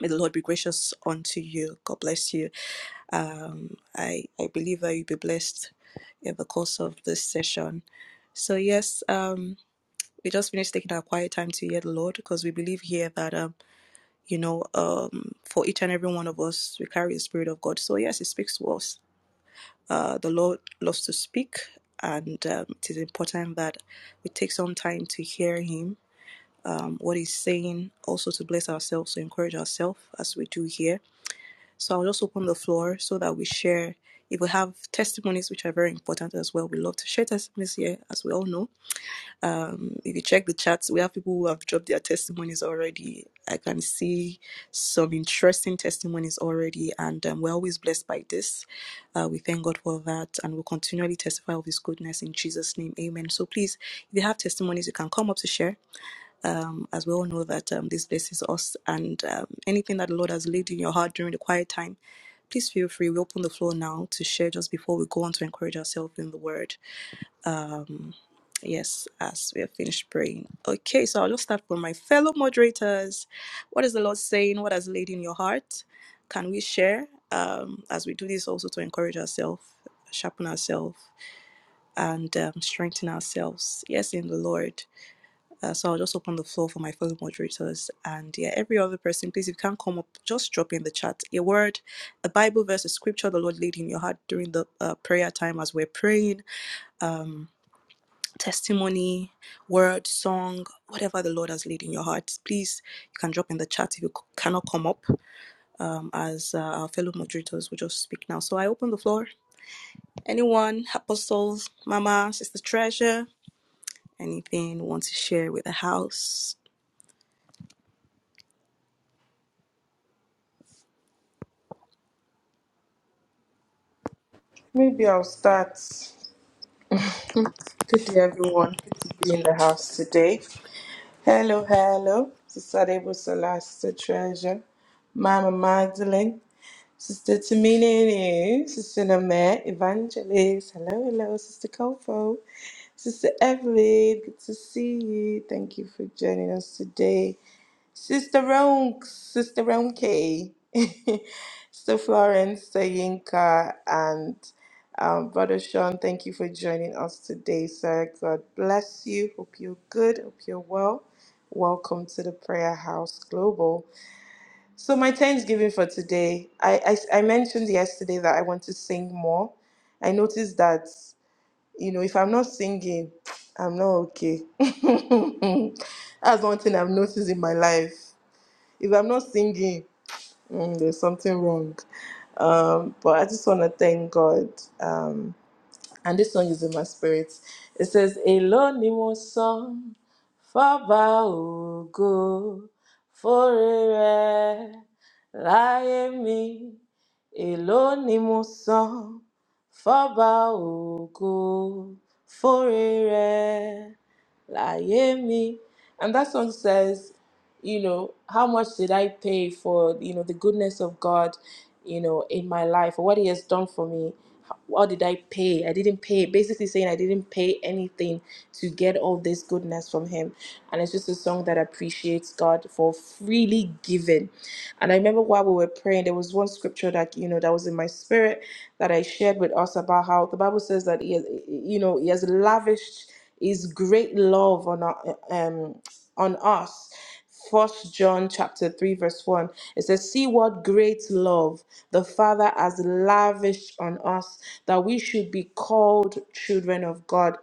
May the Lord be gracious unto you. God bless you. Um, I, I believe that you'll be blessed in the course of this session. So, yes, um, we just finished taking our quiet time to hear the Lord because we believe here that, um, you know, um, for each and every one of us, we carry the Spirit of God. So, yes, it speaks to us. Uh, the Lord loves to speak, and um, it is important that we take some time to hear Him, um, what He's saying, also to bless ourselves, to encourage ourselves as we do here so I'll just open the floor so that we share. If we have testimonies, which are very important as well, we love to share testimonies here, as we all know. If you check the chats, we have people who have dropped their testimonies already. I can see some interesting testimonies already, and um, we're always blessed by this. Uh, we thank God for that, and we'll continually testify of His goodness in Jesus' name. Amen. So please, if you have testimonies, you can come up to share um, as we all know that um, this blesses us and um, anything that the lord has laid in your heart during the quiet time please feel free we open the floor now to share just before we go on to encourage ourselves in the word yes as we have finished praying okay so i'll just start from my fellow moderators what is the lord saying what has laid in your heart can we share um, as we do this also to encourage ourselves sharpen ourselves and um, strengthen ourselves yes in the lord uh, so I'll just open the floor for my fellow moderators and yeah, every other person. Please, if you can't come up, just drop in the chat a word, a Bible verse, a scripture the Lord laid in your heart during the uh, prayer time as we're praying, testimony, word, song, whatever the Lord has laid in your heart. Please, you can drop in the chat if you c- cannot come up, um, as uh, our fellow moderators will just speak now. So I open the floor. Anyone, apostles, Mama, Sister Treasure, anything you want to share with the house? Maybe I'll start. Good day, everyone. Good to be in the house today. Hello, hello. Sister Debo Sister Treasure, Mama Magdalene, Sister Tamini, Sister Namet, Evangelist. Hello, hello, Sister Kofo, Sister Evelyn. Good to see you. Thank you for joining us today. Sister Ronk, Sister Ronke, [laughs] Sister Florence, Sister Yinka, and um, Brother Sean, thank you for joining us today, sir. God bless you. Hope you're good. Hope you're well. Welcome to the Prayer House Global. So, my Thanksgiving for today, I, I, I mentioned yesterday that I want to sing more. I noticed that, you know, if I'm not singing, [tsk] I'm not okay. [laughs] That's one thing I've noticed in my life if I'm not singing, mm, there's something wrong. Um, but I just want to thank God. Um, and this song is in my spirit. It says, Èló ni mo san fọ́ba ògo fóore rẹ̀ láyé mi. Èló ni mo san fọ́ba ògo fóore rẹ̀ Láyé mi. And that song says, you know, how much did I pay for, you know, the goodness of God, you know, in my life, or what He has done for me? What did I pay? I didn't pay, basically saying I didn't pay anything to get all this goodness from Him. And it's just a song that appreciates God for freely giving. And I remember while we were praying, there was one scripture that, you know, that was in my spirit that I shared with us about how the Bible says that he has, you know, he has lavished his great love on our- um on us. First John chapter 3 verse 1 it says see what great love the father has lavished on us that we should be called children of God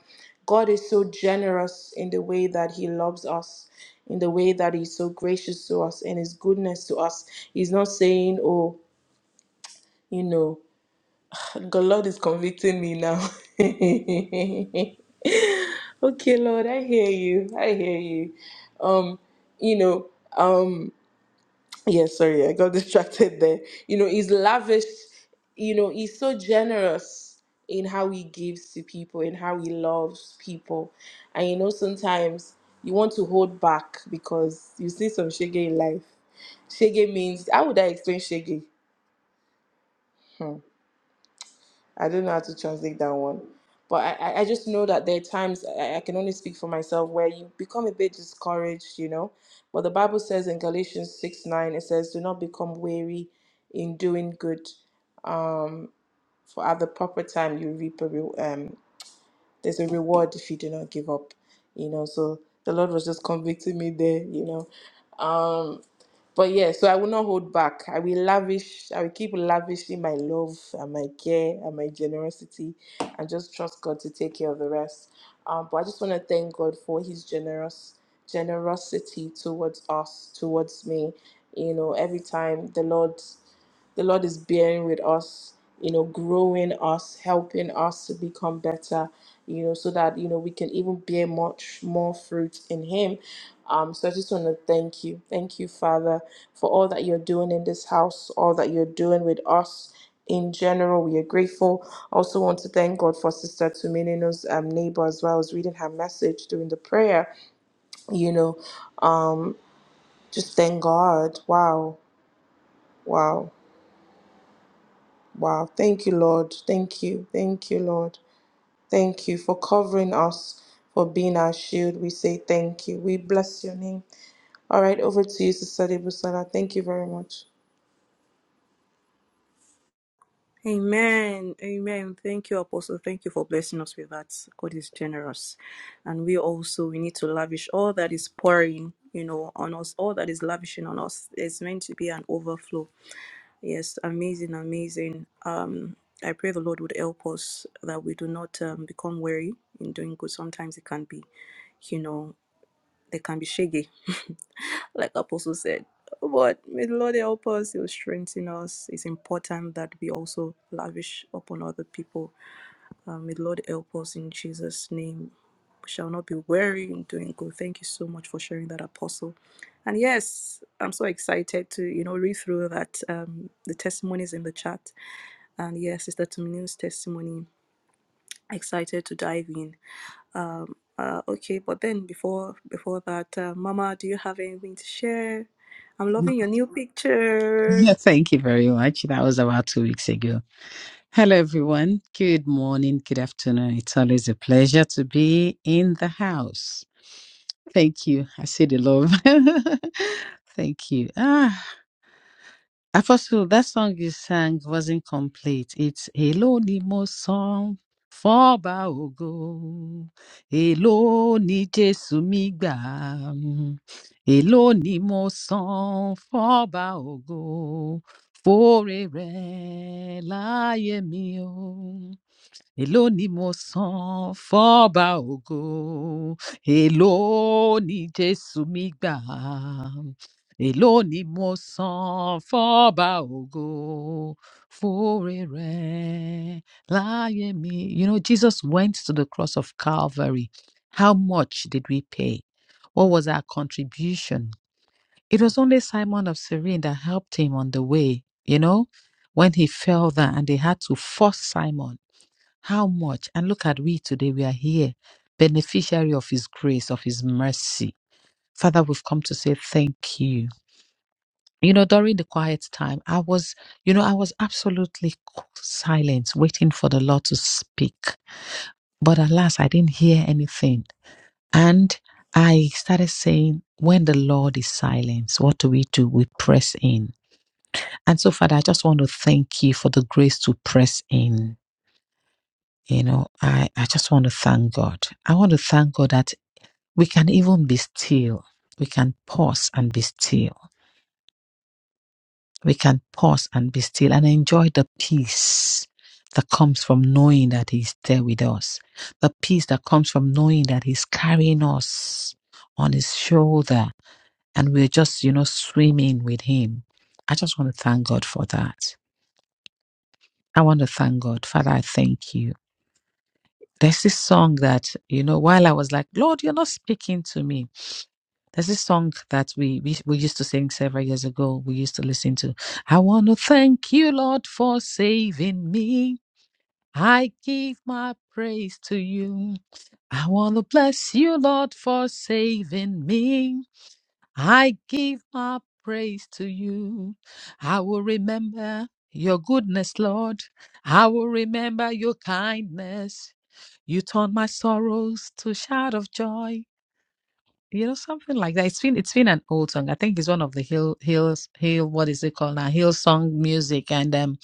God is so generous in the way that he loves us in the way that he's so gracious to us and his goodness to us he's not saying oh you know God, Lord is convicting me now. [laughs] okay, Lord, I hear you. I hear you. Um, you know, um, yeah, sorry, I got [laughs] distracted there. You know, he's lavish, you know, he's so generous in how he gives to people and how he loves people. And you know, sometimes you want to hold back because you see some shege in life. Shege means how would I explain shege? Hmm. I don't know how to translate that one. But I, I I just know that there are times I, I can only speak for myself where you become a bit discouraged, you know. But the Bible says in Galatians 6 9, it says, Do not become weary in doing good. Um, for at the proper time, you reap a re- um, there's a reward if you do not give up, you know. So the Lord was just convicting me there, you know. Um. But yeah, so I will not hold back. I will lavish, I will keep lavishing my love and my care and my generosity and just trust God to take care of the rest. Um, but I just want to thank God for his generous generosity towards us, towards me. You know, every time the Lord the Lord is bearing with us, you know, growing us, helping us to become better, you know, so that you know we can even bear much more fruit in Him. Um, so I just want to thank you, thank you, Father, for all that you're doing in this house, all that you're doing with us. In general, we are grateful. I also want to thank God for Sister Tuminino's um, neighbor as well. I was reading her message during the prayer. You know, um, just thank God. Wow, wow. Wow. Thank you, Lord. Thank you. Thank you, Lord. Thank you for covering us, for being our shield. We say thank you. We bless your name. All right, over to you, Sister Debusala. Thank you very much. Amen. Amen. Thank you, Apostle. Thank you for blessing us with that. God is generous. And we also we need to lavish all that is pouring, you know, on us, all that is lavishing on us. It's meant to be an overflow. Yes, amazing, amazing. Um, I pray the Lord would help us that we do not um, become weary in doing good. Sometimes it can be, you know. They can be shaggy, [laughs] like Apostle said. But may the Lord help us, He'll strengthen us. It's important that we also lavish upon other people. Uh, may the Lord help us in Jesus' name. We shall not be weary in doing good. Thank you so much for sharing that, Apostle. And yes, I'm so excited to, you know, read through that um, the testimonies in the chat. And yes, Sister Tumini's testimony. Excited to dive in. Um, uh, okay, but then before before that, uh, Mama, do you have anything to share? I'm [laughs] loving your new picture. Thank you very much. That was about two weeks ago. Hello, everyone. Good morning, good afternoon. It's always a pleasure to be in the house. Thank you. I see the love. [laughs] Thank you. Ah. Apostle, that song you sang wasn't complete. It's Hello ni mo song fọba baogo, Hello ni Jésù mi gbà, Hello ni mo song fọba baogo fóore rẹ̀ láyé mi o èló ni mo san fọ́ba ògo èló ni jésù mi gbà èló ni mo san fọ́ba ògo fúre rẹ láyé mi. you know jesus went to the cross of calvary how much did we pay what was our contribution it was only simon of cyrene that helped him on the way you know when he fell down and they had to force simon how much? And look at we today, we are here, beneficiary of His grace, of His mercy. Father, we've come to say thank you. You know, during the quiet time, I was, you know, I was absolutely silent, waiting for the Lord to speak. But alas, I didn't hear anything. And I started saying, when the Lord is silent, what do we do? We press in. And so, Father, I just want to thank you for the grace to press in You know, I, I just want to thank God. I want to thank God that we can even be still. We can pause and be still. We can pause and be still and enjoy the peace that comes from knowing that He's there with us. The peace that comes from knowing that He's carrying us on His shoulder and we're just, you know, swimming with Him. I just want to thank God for that. I want to thank God. Father, I thank you. There's this song that, you know, while I was like, Lord, you're not speaking to me. There's this song that we, we we used to sing several years ago. We used to listen to. I want to thank you, Lord, for saving me. I give my praise to you. I want to bless you, Lord, for saving me. I give my praise to you. I will remember your goodness, Lord. I will remember your kindness. You turned my sorrows to a shout of joy. You know, something like that. It's been it's been an old song. I think it's one of the Hill Hills Hill what is it called now? Hill song music. And um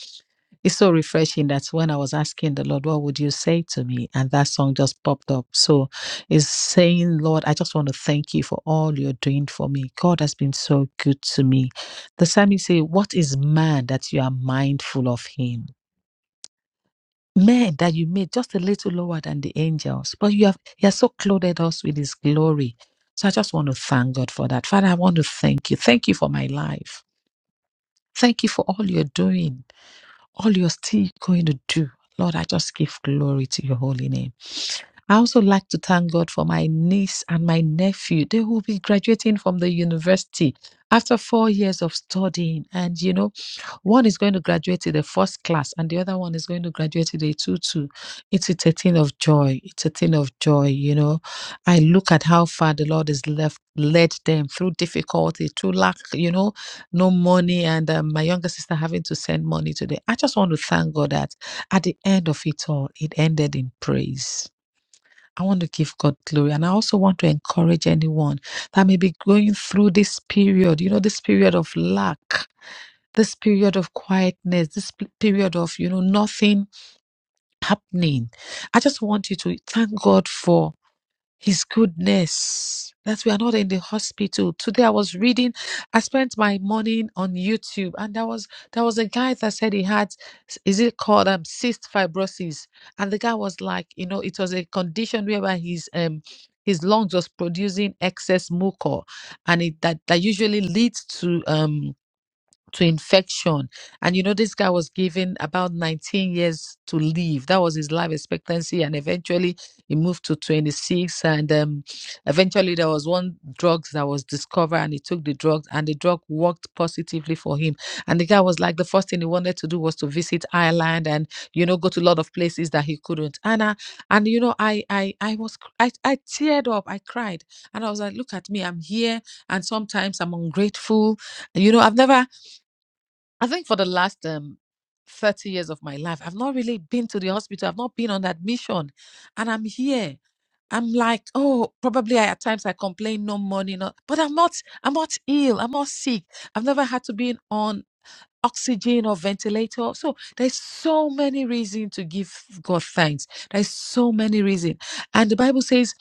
it's so refreshing that when I was asking the Lord, what would you say to me? And that song just popped up. So it's saying, Lord, I just want to thank you for all you're doing for me. God has been so good to me. The psalmist say, What is man that you are mindful of him? men that you made just a little lower than the angels, but you have he has so clothed us with his glory. So I just want to thank God for that. Father, I want to thank you. Thank you for my life. Thank you for all you're doing, all you're still going to do. Lord, I just give glory to your holy name. I also like to thank God for my niece and my nephew. They will be graduating from the university after four years of studying. And you know, one is going to graduate to the first class, and the other one is going to graduate to the 2 2. It's, a thing of joy. It's a thing of joy, you know. I look at how far the Lord has left, led them through difficulty, through lack, you know, no money, and um, my younger sister having to send money today. I just want to thank God that at the end of it all, it ended in praise I want to give God glory. And I also want to encourage anyone that may be going through this period, you know, this period of lack, this period of quietness, this p- period of, you know, nothing happening. I just want you to thank God for. His goodness that we are not in the hospital. Today I was reading, I spent my morning on YouTube, and there was there was a guy that said he had is it called um cyst fibrosis? And the guy was like, you know, it was a condition whereby his um his lungs was producing excess mucor, and it that that usually leads to um to infection. And you know, this guy was given about 19 years to live. That was his life expectancy. And eventually he moved to 26. And um, eventually there was one drug that was discovered and he took the drug and the drug worked positively for him. And the guy was like, the first thing he wanted to do was to visit Ireland and, you know, go to a lot of places that he couldn't. And, I, and you know, I, I, I was, cr- I, I teared up, I cried. And I was like, look at me, I'm here. And sometimes I'm ungrateful you know i've never I think for the last um 30 years of my life, I've not really been to the hospital. I've not been on admission. And I'm here. I'm like, oh, probably I, at times I complain, no money, no, but I'm not, I'm not ill, I'm not sick. I've never had to be on oxygen or ventilator. So there's so many reasons to give God thanks. There's so many reasons. And the Bible says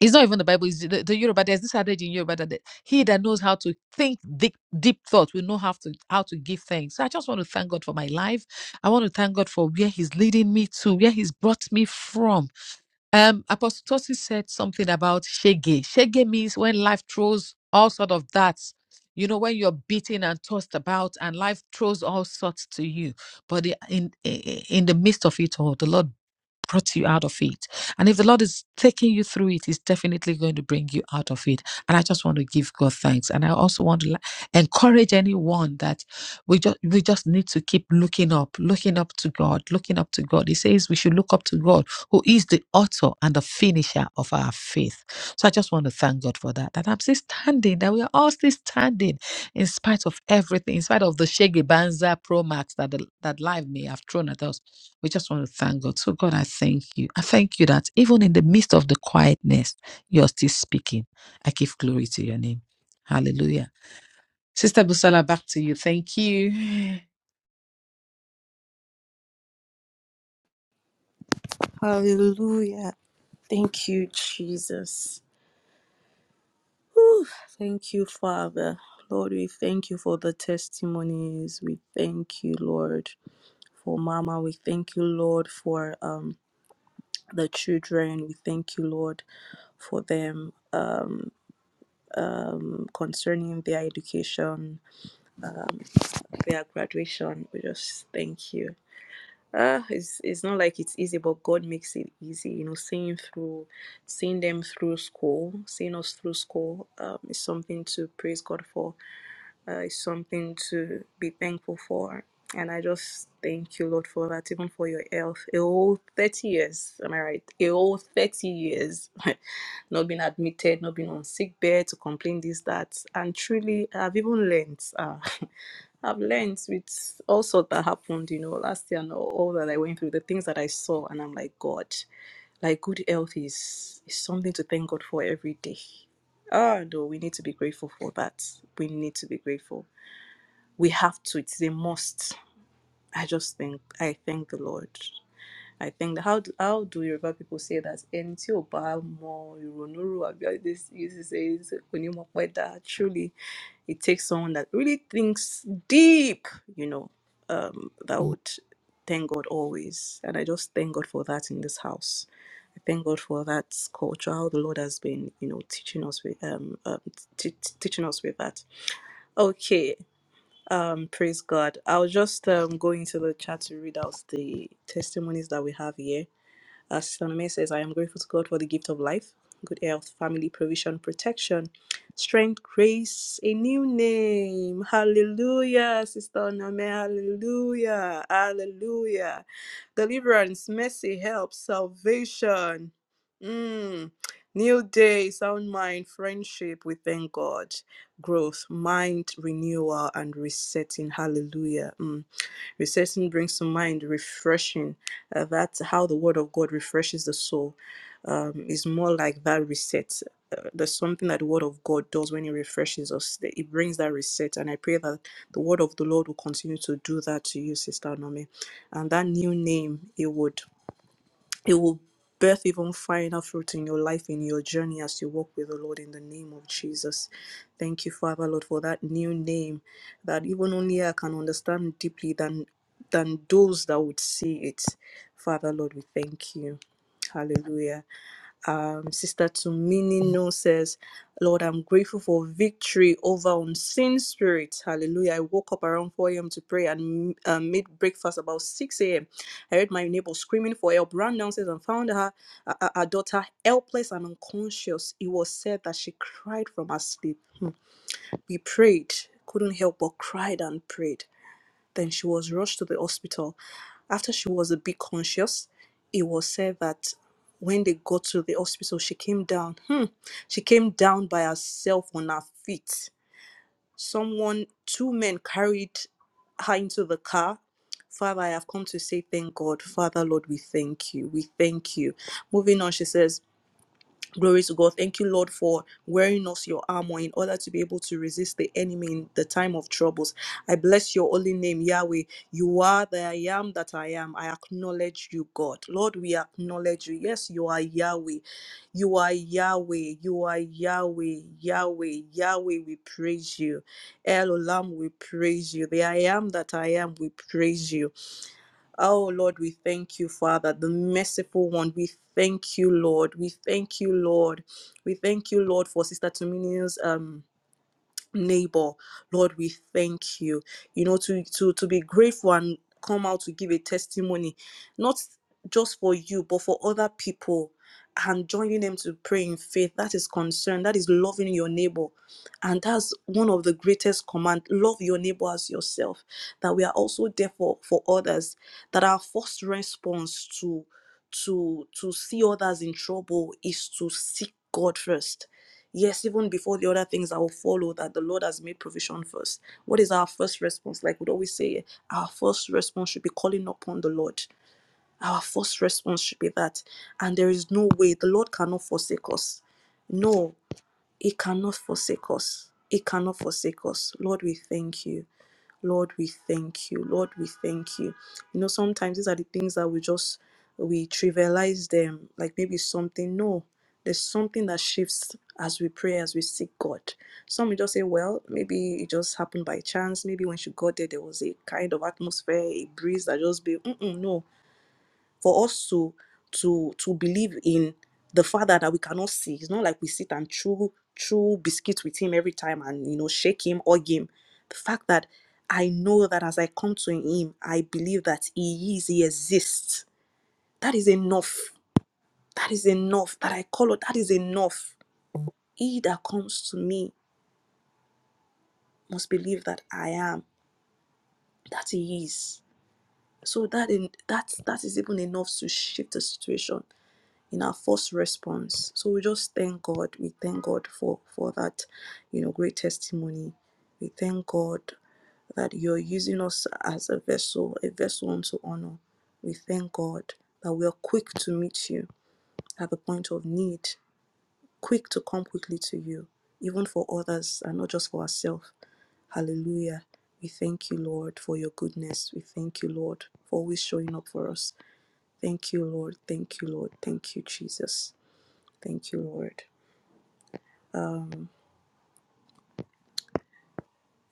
it's not even the Bible, it's the, the Yoruba. There's this adage in Yoruba that the- he that knows how to think deep, deep thought will know how to how to give thanks. So I just want to thank God for my life. I want to thank God for where He's leading me to, where He's brought me from. Um, Apostle Tosin said something about shege. Shege means when life throws all sort of darts. You know, when you're beaten and tossed about, and life throws all sorts to you, but the- in in the midst of it all, the Lord brought you out of it. And if the Lord is taking you through it, He's definitely going to bring you out of it. And I just want to give God thanks. And I also want to li- encourage anyone that we just we just need to keep looking up, looking up to God, looking up to God. He says we should look up to God who is the author and the finisher of our faith. So I just want to thank God for that. That I'm still standing, that we are all still standing in spite of everything, in spite of the Shege Banza Pro Max that, the, that life may have thrown at us. We just want to thank God. So, God, I thank you. I thank you that even in the midst of the quietness, you're still speaking. I give glory to your name. Hallelujah. Sister Busala, back to you. Thank you. [sighs] Hallelujah. Thank you, Jesus. Whew. Thank you, Father. Lord, we thank you for the testimonies. We thank you, Lord, for Mama. We thank you, Lord, for um, the children. We thank you, Lord, for them um, concerning their education, their graduation. We just thank you. uh it's it's not like it's easy but god makes it easy you know seeing through seeing them through school seeing us through school um is something to praise god for uh, is something to be thankful for and i just thank you lord for that even for your health a whole 30 years am i right a whole 30 years [laughs] not being admitted not being on sick bed to complain this that and truly i've even learned Uh, [laughs] I've learned with all sorts that happened, you know, last year and all, all that I went through, the things that I saw, and I'm like, God, like good health is is something to thank God for every day. Ah, no, we need to be grateful for that. We need to be grateful. We have to. It's a must. I just think I thank the Lord. I think how do, how do Yoruba people say that? Ẹni tí ò bá mọ ìrònú rò àbí how they used to say it, kò ní mọ pẹ́ dá. Truly, it takes someone that really thinks deep, you know, um, that Mm. would thank God always. And I just thank God for that in this house. I thank God for that culture, how the Lord has been, you know, teaching us with um, um t- t- teaching us with that. Okay. Um, praise God. I'll just um, go into the chat to read out the testimonies that we have here. Uh, Sister Nome says, I am grateful to God for the gift of life, good health, family, provision, protection, strength, grace, a new name. Hallelujah, Sister Nome. Hallelujah. Hallelujah. Deliverance, mercy, help, salvation. Mm. New day, sound mind, friendship. We thank God. Growth, mind renewal, and resetting. Hallelujah. Mm. Resetting brings to mind refreshing uh, that's how the word of God refreshes the soul. Um, it's more like that reset. Uh, there's something that the word of God does when it refreshes us. that It brings that reset. And I pray that the word of the Lord will continue to do that to you, Sister Nomi. And that new name, it would it will birth even finer fruit in your life, in your journey as you walk with the Lord in the name of Jesus. Thank you, Father Lord, for that new name that even only I can understand deeply than than those that would see it. Father Lord, we thank you. Hallelujah um, Sister Tumini No says, Lord, I'm grateful for victory over unseen spirits. Hallelujah. I woke up around 4 a.m. to pray and uh, made breakfast about 6 a.m. I heard my neighbor screaming for help, ran downstairs and found her, uh, uh, her daughter helpless and unconscious. It was said that she cried from her sleep. Hmm. We prayed, couldn't help but cried and prayed. Then she was rushed to the hospital. After she was a bit conscious, it was said that when they got to the hospital, she came down. Hmm, she came down by herself on her feet. Someone, two men carried her into the car. Father, I have come to say thank God. Father, Lord, we thank you. We thank you. Moving on, she says, Glory to God. Thank you, Lord, for wearing us your armor in order to be able to resist the enemy in the time of troubles. I bless your holy name, Yahweh. You are the I am that I am. I acknowledge you, God. Lord, we acknowledge you. Yes, you are Yahweh. You are Yahweh. You are Yahweh. Yahweh. Yahweh, we praise you. El Olam, we praise you. The I am that I am, we praise you. Oh Lord, we thank you, Father, the merciful one. We thank you, Lord. We thank you, Lord. We thank you, Lord, for Sister Tomini's um neighbor lord we thank you you know to to to be grateful and come out to give a testimony not just for you but for other people and joining them to pray in faith that is concern that is loving your neighbor and that's one of the greatest command love your neighbor as yourself that we are also there for for others that our first response to to to see others in trouble is to seek god first Yes, even before the other things that will follow, that the Lord has made provision first. What is our first response? Like we'd always say, our first response should be calling upon the Lord. Our first response should be that. And there is no way the Lord cannot forsake us. No, he cannot forsake us. He cannot forsake us. Lord, we thank you. Lord, we thank you. Lord, we thank you. You know, sometimes these are the things that we just we trivialize them, like maybe something. No, there's something that shifts as we pray, as we seek God. Some will just say, well, maybe it just happened by chance. Maybe when she got there, there was a kind of atmosphere, a breeze that just be. Mm-mm, no, for us to to to believe in the father that we cannot see it's not like we sit and chew chew biscuits with him every time and you know shake him hug him the fact that i know that as i come to him i believe that he is he exists that is enough that is enough that i call it that is enough he that comes to me must believe that i am that he is so that in that that is even enough to shift the situation in our first response. So we just thank God. We thank God for for that, you know, great testimony. We thank God that you're using us as a vessel, a vessel unto honor. We thank God that we are quick to meet you at the point of need, quick to come quickly to you, even for others and not just for ourselves. Hallelujah. We thank you, Lord, for your goodness. We thank you, Lord, for always showing up for us. Thank you, Lord. Thank you, Lord. Thank you, Jesus. Thank you, Lord. Um,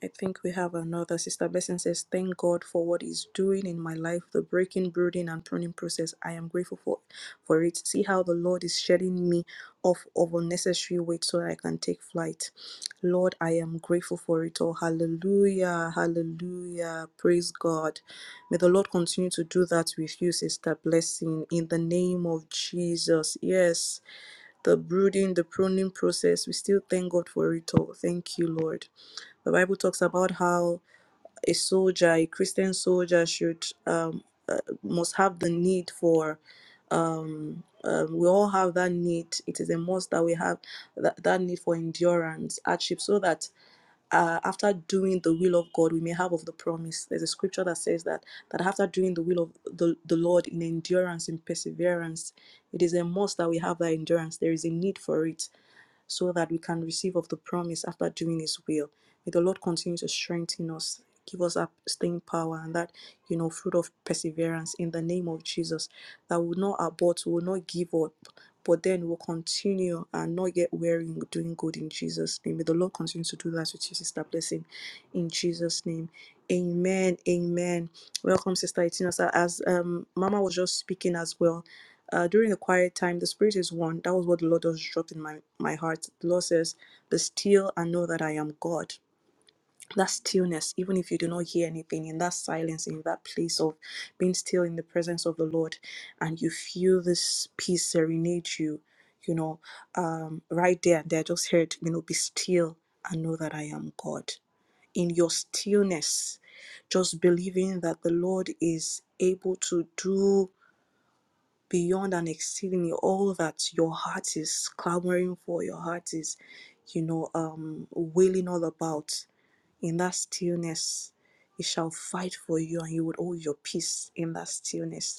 I think we have another. Sister Blessing says, Thank God for what He's doing in my life, the breaking, brooding, and pruning process. I am grateful for, for it. See how the Lord is shedding me off of unnecessary weight so that I can take flight. Lord, I am grateful for it all. Hallelujah. Hallelujah. Praise God. May the Lord continue to do that with you, Sister Blessing, in the name of Jesus. Yes. the brooding, the pruning process, we still thank God for it all. Thank you, Lord. The Bible talks about how a soldier, a Christian soldier, should um, uh, must have the need for. Um, um, we all have that need. It is a must that we have that, that need for endurance, hardship, so that uh, after doing the will of God, we may have of the promise. There's a scripture that says that that after doing the will of the, the Lord in endurance in perseverance, it is a must that we have that endurance. There is a need for it so that we can receive of the promise after doing His will. May the Lord continue to strengthen us, give us that staying power and that, you know, fruit of perseverance in the name of Jesus, that will not abort, will not give up, but then will continue and not get weary in doing good in Jesus' name. May the Lord continue to do that with you, Sister Blessing, in Jesus' name. Amen. Amen. Welcome, Sister Itinasa. As um, Mama was just speaking as well, uh, during the quiet time, the Spirit is one. That was what the Lord just dropped in my, my heart. The Lord says, Be still and know that I am God. That stillness, even if you do not hear anything, in that silence, in that place of being still in the presence of the Lord, and you feel this peace serenade you, you know, um, right there and there, just heard, you know, be still and know that I am God. In your stillness, just believing that the Lord is able to do beyond and exceedingly all that your heart is clamoring for, your heart is, you know, um, wailing all about. In that stillness, it shall fight for you and you would hold your peace in that stillness.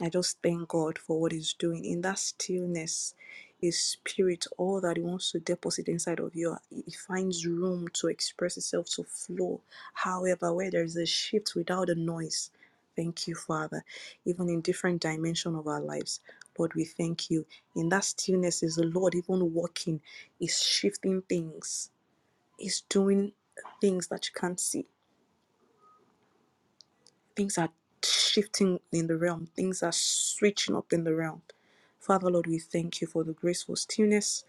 I just thank God for what He's doing. In that stillness, His Spirit, all that He wants to deposit inside of you, He finds room to express itself, to flow. However, where there is a shift without a noise, thank you, Father, even in different dimension of our lives. Lord, we thank you. In that stillness is the Lord even walking, is shifting things, is doing things that you can't see Things are shifting in the realm, things are switching up in the realm. Father, Lord, we thank you for the graceful stillness.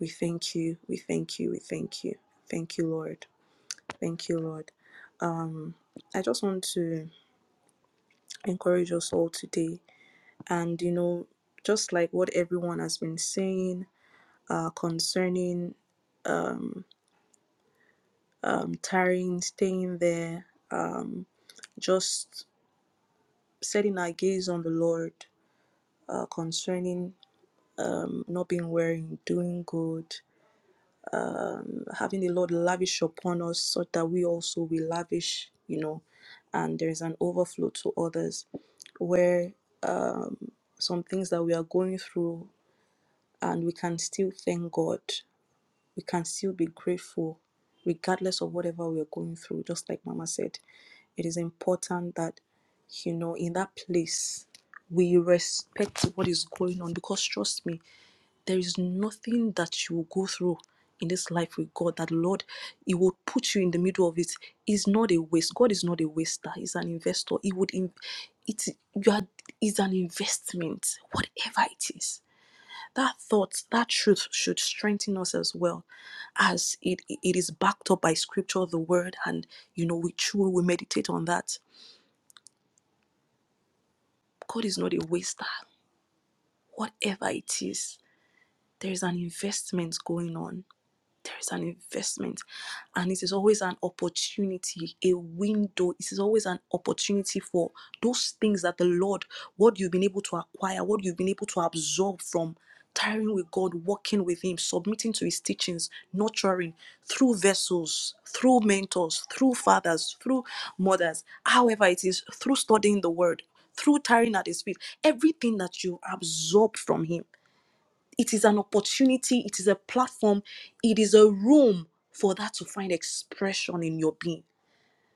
We thank you, we thank you, we thank you. Thank you, Lord. Thank you, Lord. I just want to encourage us all today. And, you know, just like what everyone has been saying uh, concerning um, um, tiring, staying there, um, just setting our gaze on the Lord uh, concerning not being wearing, doing good, having the Lord lavish upon us so that we also will lavish, you know, and there's an overflow to others where um, some things that we are going through and we can still thank God, we can still be grateful regardless of whatever we're going through. Just like Mama said, it is important that, you know, in that place, we respect what is going on because trust me, there is nothing that you will go through in this life with God that Lord, He will put you in the middle of it. Is not a waste. God is not a waster. He's an investor. He would, in, it's you are, is an investment. Whatever it is, that thought, that truth should strengthen us as well, as it it is backed up by Scripture, the Word, and you know we chew, we meditate on that. God is not a waster. Whatever it is, there is an investment going on there is an investment and it is always an opportunity a window it is always an opportunity for those things that the lord what you've been able to acquire what you've been able to absorb from tiring with god walking with him submitting to his teachings nurturing through vessels through mentors through fathers through mothers however it is through studying the word through tiring at his feet everything that you absorb from him it is an opportunity, it is a platform, it is a room for that to find expression in your being,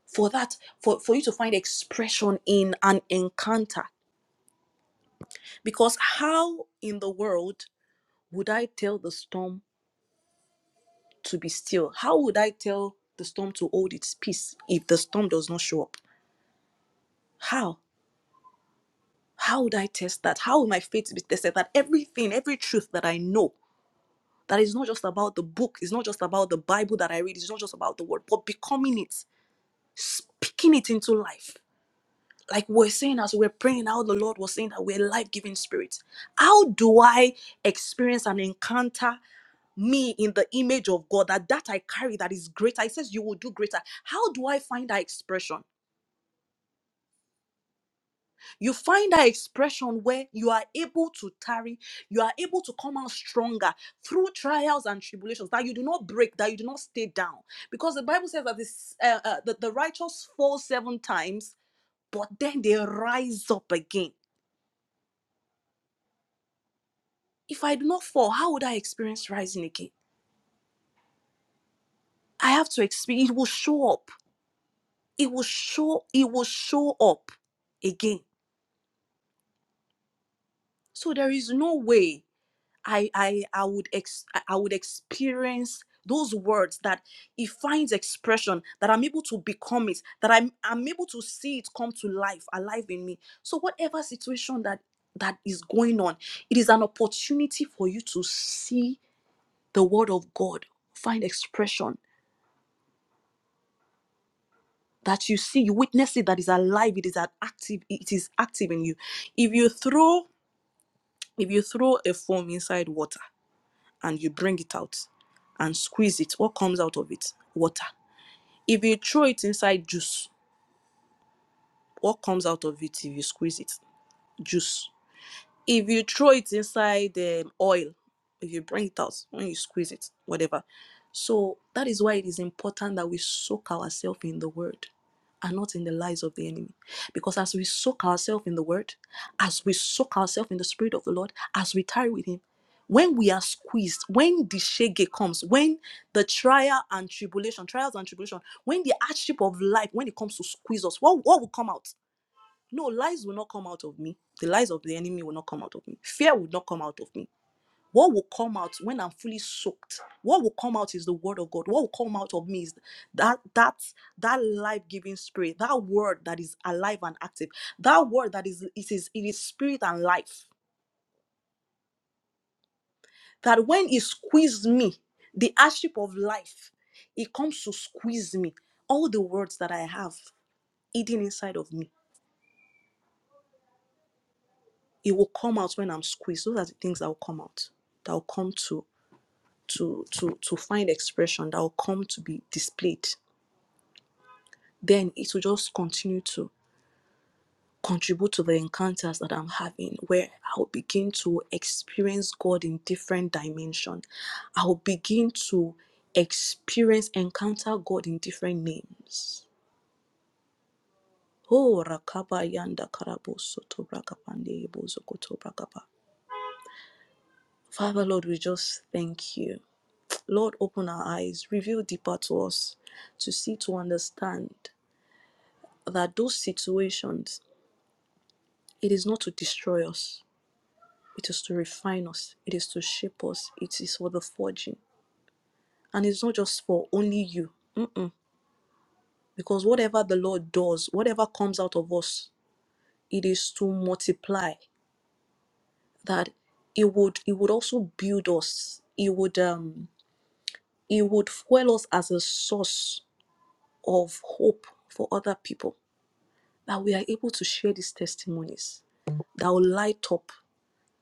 for that, for, for you to find expression in an encounter. Because how in the world would I tell the storm to be still? How would I tell the storm to hold its peace if the storm does not show up? How? How would I test that? How will my faith be tested? That everything, every truth that I know, that is not just about the book, it's not just about the Bible that I read, it's not just about the word, but becoming it. speaking it into life. Like we're saying as we're praying, how the Lord was saying that we're life giving spirit. How do I experience and encounter me in the image of God that that I carry that is greater? It says you will do greater. How do I find that expression? You find that expression where you are able to tarry, you are able to come out stronger through trials and tribulations. That you do not break, that you do not stay down, because the Bible says that this uh, uh, that the righteous falls seven times but then they rise up again. If I do not fall, how would I experience rising again? I have to experience it will show up. It will show it will show up again. So there is no way I I I would ex I would experience those words that it finds expression that I'm able to become it, that I'm I'm able to see it come to life, alive in me. So whatever situation that that is going on, it is an opportunity for you to see the word of God find expression that you see, you witness it that is alive, it is an active, it is active in you. If you throw, if you throw a foam inside water and you bring it out and squeeze it, what comes out of it? Water. If you throw it inside juice, what comes out of it if you squeeze it? Juice. if you throw it inside the oil if you bring it out when you squeeze it whatever so that is why it is important that we soak ourselves in the word and not in the lies of the enemy because as we soak ourselves in the word as we soak ourselves in the spirit of the lord as we tarry with him when we are squeezed when the shege comes when the trial and tribulation trials and tribulation when the hardship of life when it comes to squeeze us what, what will come out no, lies will not come out of me. The lies of the enemy will not come out of me. Fear will not come out of me. What will come out when I'm fully soaked? What will come out is the word of God. What will come out of me is that that that life-giving spirit, that word that is alive and active, that word that is it is it is spirit and life. That when it squeezed me, the hardship of life, it comes to squeeze me. All the words that I have eating inside of me it will come out when i'm squeezed those are the things that will come out that will come to to to to find expression that will come to be displayed then it will just continue to contribute to the encounters that i'm having where i'll begin to experience god in different dimension i'll begin to experience encounter god in different names oh rakaba yanda karabo soto brakapande yebo zokoto brakapa. father lord we just thank you Lord, open our eyes, reveal deeper to us to see, to understand that those situations, it is not to destroy us, it is to refine us, it is to shape us, it is for the forging. And it's not just for only you. Mm-mm. Because whatever the Lord does, whatever comes out of us, it is to multiply that it would it would also build us it would um it would fuel us as a source of hope for other people that we are able to share these testimonies that will light up,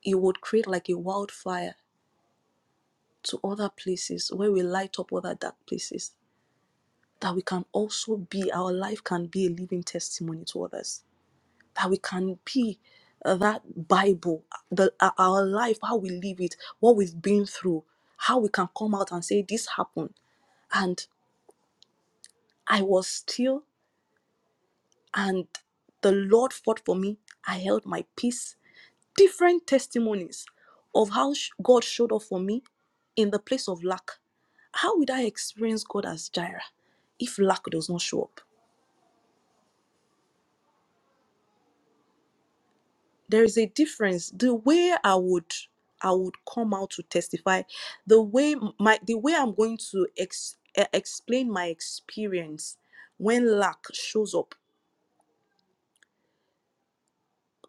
it would create like a wildfire to other places where we light up other dark places. That we can also be, our life can be a living testimony to others. That we can be uh, that Bible, the, uh, our life, how we live it, what we've been through, how we can come out and say, This happened. And I was still, and the Lord fought for me. I held my peace different testimonies of how sh- God showed up for me in the place of lack. How would I experience God as Jireh if lack does not show up? There is a difference. The way I would I would come out to testify, the way my the way I'm going to ex- eh, explain my experience when lack shows up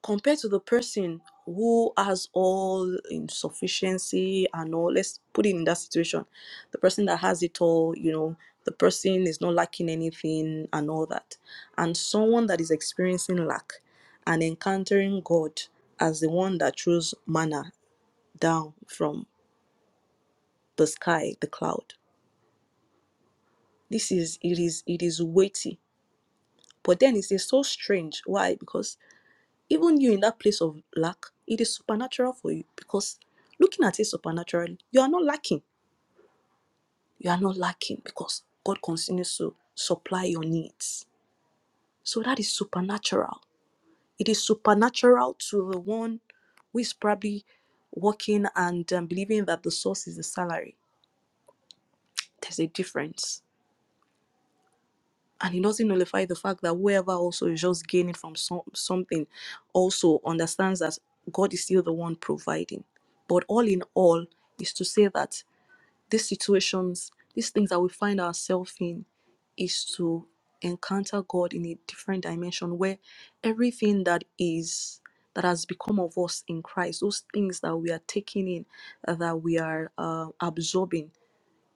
compared to the person who has all insufficiency and all let's put it in that situation the person that has it all you know the person is not lacking anything and all that and someone that is experiencing lack and encountering god as the one that throws manna down from the sky the cloud this is it is it is weighty but then it is so strange why because Even you in that place of lack, it is supernatural for you because looking at it supernaturally, you are not lacking. You are not lacking because God continues to supply your needs. So that is supernatural. It is supernatural to the one who is probably working and um, believing that the source is the salary. There's a difference. and it doesn't nullify the fact that whoever also is just gaining from some, something also understands that God is still the one providing. But all in all, is to say that these situations, these things that we find ourselves in, is to encounter God in a different dimension where everything that is that has become of us in Christ, those things that we are taking in, uh, that we are uh, absorbing,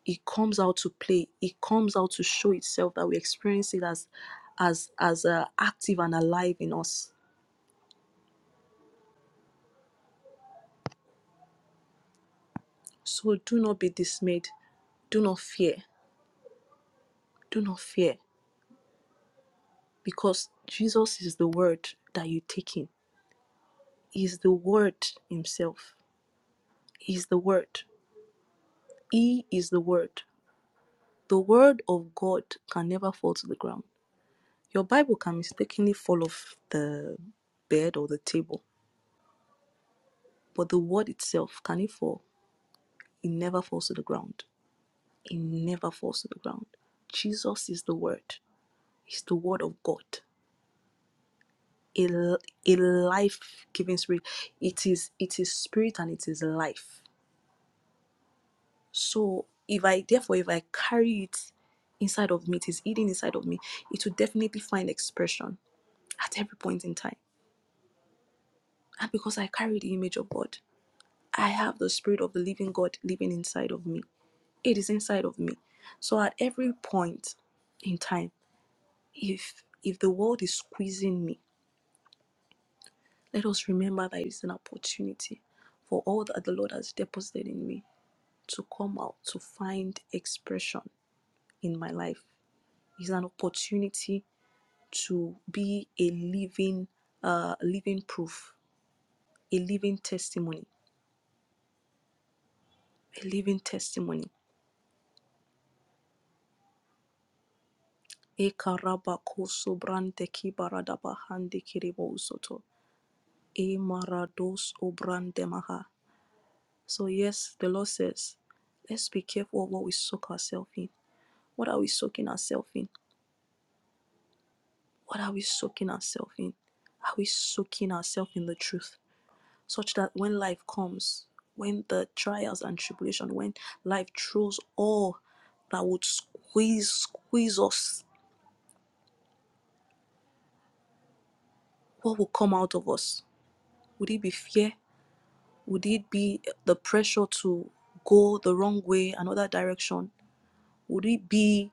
it comes out to play it comes out to show itself that we experience it as as as uh, active and alive in us so do not be dismayed do not fear do not fear because jesus is the word that you take in he is the word himself he is the word he is the word the word of god can never fall to the ground your bible can mistakenly fall off the bed or the table but the word itself can it fall it never falls to the ground It never falls to the ground. Jesus is the Word. He's the Word of God. A, a life-giving spirit. It is it is spirit and it is life. So if I therefore if I carry it inside of me, it is eating inside of me, it will definitely find expression at every point in time. And because I carry the image of God, I have the spirit of the living God living inside of me. It is inside of me. So at every point in time, if if the world is squeezing me, Let us remember that it's an opportunity for all that the Lord has deposited in me to come out, to find expression in my life. It's an opportunity to be a living, uh, living proof, a living testimony, a living testimony. Ekarabako sobrante kibaradaba kirebo usoto. Emarados obrande maha. So yes, the Lord says, let's be careful of what we soak ourselves in. What are we soaking ourselves in? What are we soaking ourselves in? Are we soaking ourselves in the truth such that when life comes, when the trials and tribulation, when life throws all that would squeeze, squeeze us, what will come out of us? Would it be fear? Would it be the pressure to go the wrong way, another direction? Would it be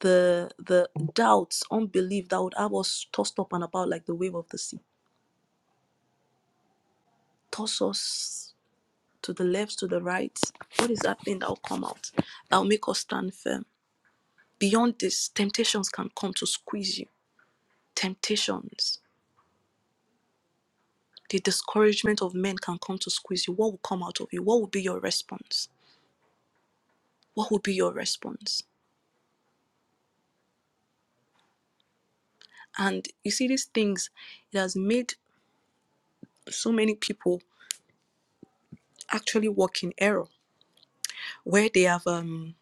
the the doubts, unbelief that would have us tossed up and about like the wave of the sea? Toss us to the left, to the right. What is that thing that will come out that will make us stand firm? Beyond this, temptations can come to squeeze you. Temptations, the discouragement of men can come to squeeze you. What will come out of you? What will be your response? What will be your response? And you see, these things, it has made so many people actually walk in error where they have um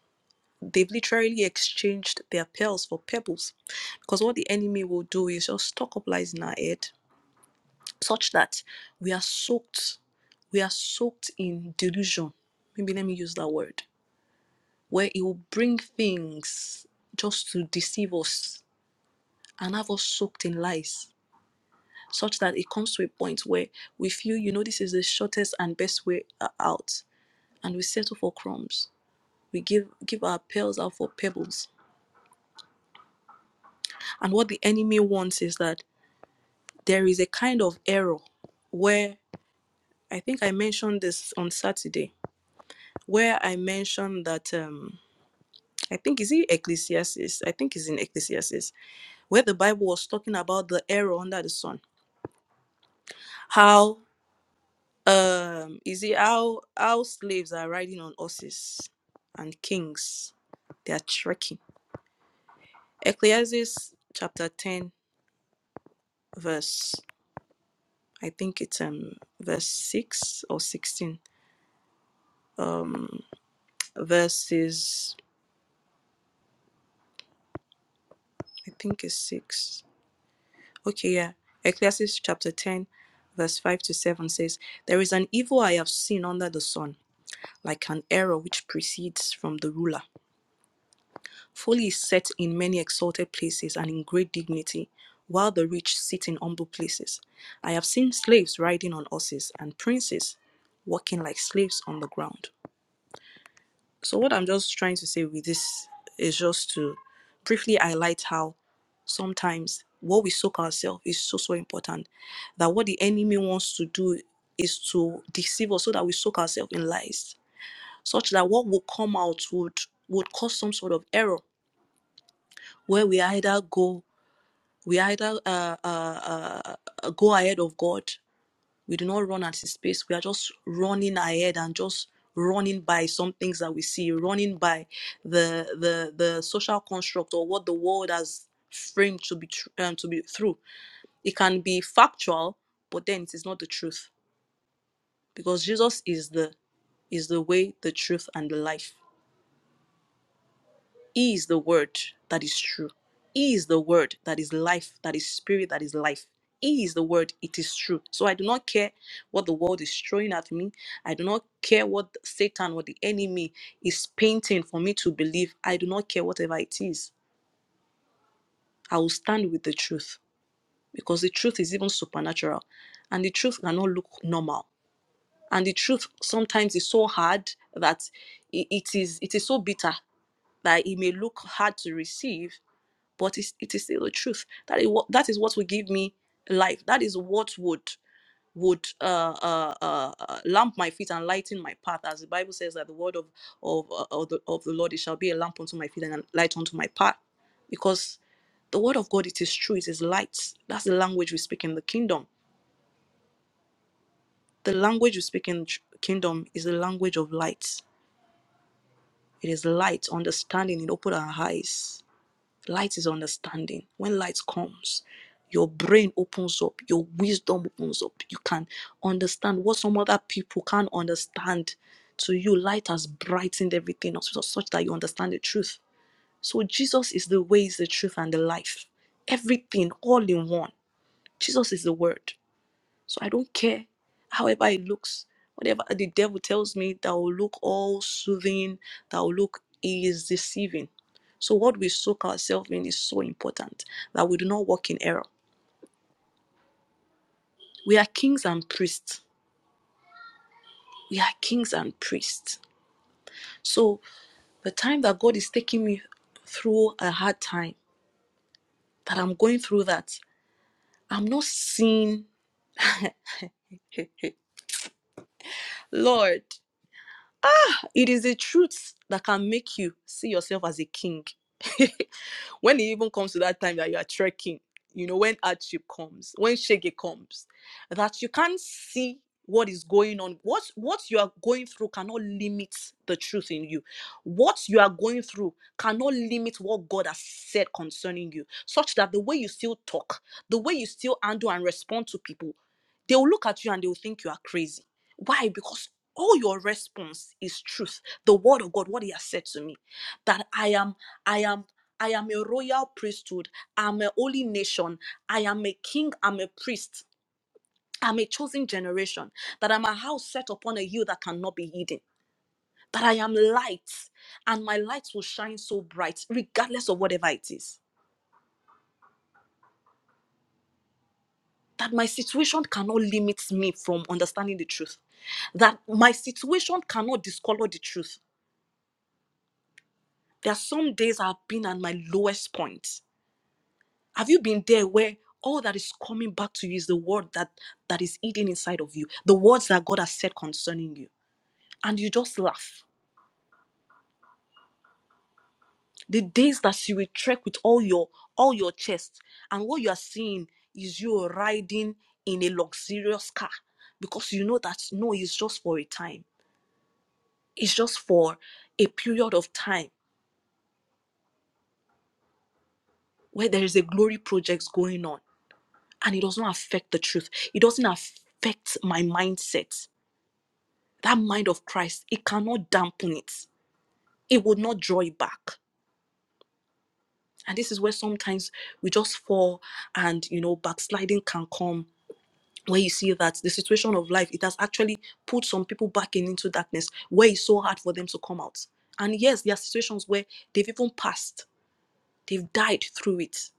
they've literally exchanged their pearls for pebbles because what the enemy will do is just stock up lies in our head such that we are soaked we are soaked in delusion maybe let me use that word where it will bring things just to deceive us and have us soaked in lies such that it comes to a point where we feel you know this is the shortest and best way uh, out and we settle for crumbs we give give our pearls out for pebbles and what the enemy wants is that there is a kind of error where i think i mentioned this on saturday where I mentioned that um I think is it Ecclesiastes? I think it's in Ecclesiastes where the Bible was talking about the error under the sun. How um is it how how slaves are riding on horses and kings they are trekking. Ecclesiastes chapter 10 verse I think it's um verse 6 or 16. Um verses I think it's 6 Okay, yeah. Ecclesiastes chapter 10, verse 5 to 7 says, There is an evil I have seen under the sun, like an error which proceeds from the ruler. Folly is set in many exalted places and in great dignity, while the rich sit in humble places. I have seen slaves riding on horses, and princes walking like slaves on the ground. So what I'm just trying to say with this is just to briefly highlight how sometimes what we soak ourselves is so so important. That what the enemy wants to do is to deceive us so that we soak ourselves in lies, such that what will come out would would cause some sort of error where we either go we either uh, uh, uh, go ahead of God we do not run at his pace. We are just running ahead and just running by some things that we see, running by the the the social construct or what the world has framed to be tr- um, to be through. It can be factual, but then it is not the truth because Jesus is the is the way, the truth, and the life. He is the word that is true. He is the word that is life, that is spirit, that is life. He is the word, it is true. So I do not care what the world is throwing at me. I do not care what Satan what the enemy is painting for me to believe. I do not care whatever it is. I will stand with the truth because the truth is even supernatural and the truth cannot look normal. And the truth sometimes is so hard that i- it is it is so bitter that it may look hard to receive but it's, it is still the truth. That is what that is what will give me life. That is what would would uh, uh, uh, uh, lamp my feet and lighten my path, as the Bible says that the word of of uh, of, the, of the Lord it shall be a lamp unto my feet and a light unto my path, because the word of God it is true, it is light. That's the language we speak in the kingdom. The language we speak in the kingdom is the language of light. It is light, understanding. It open our eyes Light is understanding. When light comes, your brain opens up, your wisdom opens up. You can understand what some other people can't understand. To you, light has brightened everything up so- such that you understand the truth. So, Jesus is the way, is the truth, and the life. Everything all in one. Jesus is the word. So I don't care however it looks. Whatever the devil tells me that will look all soothing, that will look he is deceiving. So what we soak ourselves in is so important that we do not walk in error. We are kings and priests. We are kings and priests. So the time that God is taking me through a hard time, that I'm going through that, I'm not seeing, Lord. It is the truth that can make you see yourself as a king. [laughs] when it even comes to that time that you are trekking, you know, when hardship comes, when shege comes, that you can't see what is going on. What what you are going through cannot limit the truth in you. What you are going through cannot limit what God has said concerning you, such that the way you still talk, the way you still handle and respond to people, they will look at you and they will think you are crazy. Why? Because all your response is truth the word of god what he has said to me that i am i am i am a royal priesthood i'm a holy nation i am a king i'm a priest i'm a chosen generation that i'm a house set upon a hill that cannot be hidden that i am light and my light will shine so bright regardless of whatever it is that my situation cannot limit me from understanding the truth that my situation cannot discolor the truth there are some days I've been at my lowest point. Have you been there where all that is coming back to you is the word that that is eating inside of you, the words that God has said concerning you, and you just laugh? The days that you will trek with all your all your chest, and what you are seeing is you riding in a luxurious car because you know that no, it's just for a time. It's just for a period of time where there is a glory project going on, and it does not affect the truth. It doesn't affect my mindset that mind of Christ, it cannot dampen it. It will not draw it back. And this is where sometimes we just fall and you know backsliding can come where you see that the situation of life it has actually put some people back in into darkness where it's so hard for them to come out. And yes, there are situations where they've even passed, they've died through it.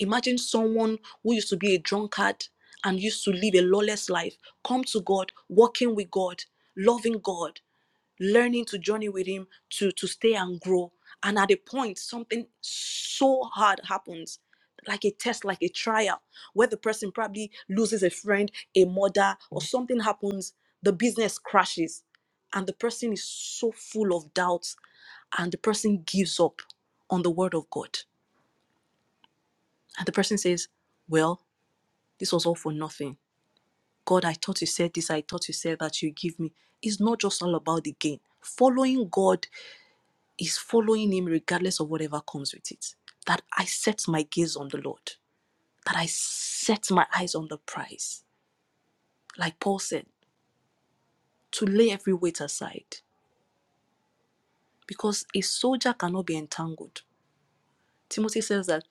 Imagine someone who used to be a drunkard and used to live a lawless life, come to God, walking with God, loving God. learning to journey with him to to stay and grow and at a point something so hard happens like a test like a trial where the person probably loses a friend a mother or something happens the business crashes and the person is so full of doubts and the person gives up on the word of god and the person says well this was all for nothing god i thought you said this i thought you said that you give me it's not just all about the gain following god is following him regardless of whatever comes with it. That I set my gaze on the Lord, that I set my eyes on the prize. Like Paul said, to lay every weight aside, because a soldier cannot be entangled. Timothy says that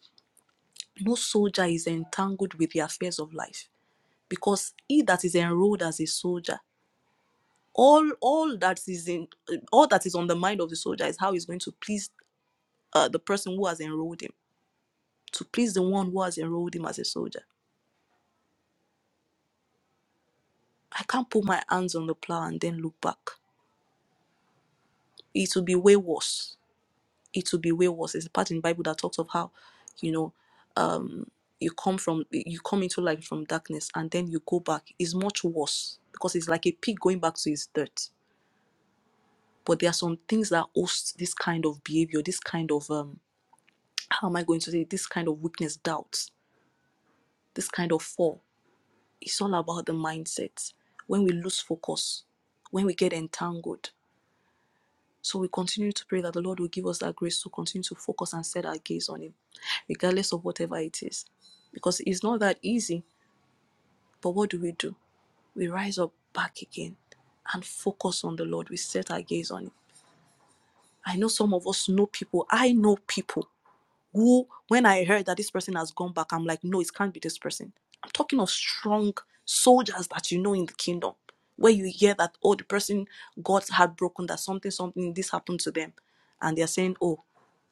no soldier is entangled with the affairs of life, because he that is enrolled as a soldier, all all that is in all that is on the mind of the soldier is how he's going to please uh, the person who has enrolled him, to please the one who has enrolled him as a soldier I can't put my hands on the plow and then look back. It will be way worse. It will be way worse. There's a part in the Bible that talks of how, you know, um, you come from you come into light from darkness and then you go back. It's much worse because it's like a pig going back to his dirt. But there are some things that host this kind of behavior, this kind of um, how am I going to say it? this kind of weakness, doubt, this kind of fall. It's all about the mindset. When we lose focus, when we get entangled, So we continue to pray that the Lord will give us that grace to continue to focus and set our gaze on Him, regardless of whatever it is. Because it's not that easy. But what do we do? We rise up back again and focus on the Lord. We set our gaze on Him. I know some of us know people. I know people who when I heard that this person has gone back, I'm like, no, it can't be this person. I'm talking of strong soldiers that you know in the kingdom, where you hear that, oh, the person got heartbroken, that something, something, this happened to them. And they're saying, oh,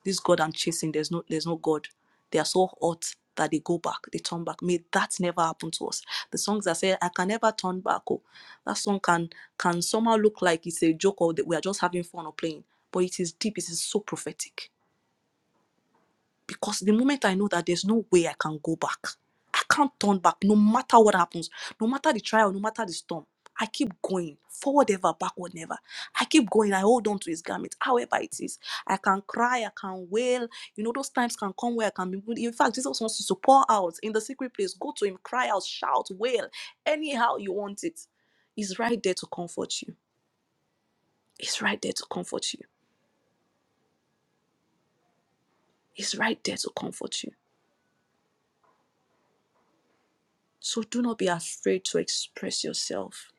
this God I'm chasing, there's no, there's no God. They are so hot that they go back, they turn back. May that never happen to us. The songs that say, I can never turn back. Oh, that song can can somehow look like it's a joke or that we are just having fun or playing. But it is deep, it is so prophetic because the moment I know that there's no way I can go back, I can't turn back no matter what happens, no matter the trial, no matter the storm. I keep going forward ever, backward never. I keep going. I hold on to his garment, however it is. I can cry, I can wail. You know, those times can come where I can be. In fact, Jesus wants you to pour out in the secret place. Go to him, cry out, shout, wail, anyhow you want it. He's right there to comfort you. He's right there to comfort you. He's right there to comfort you. So do not be afraid to express yourself.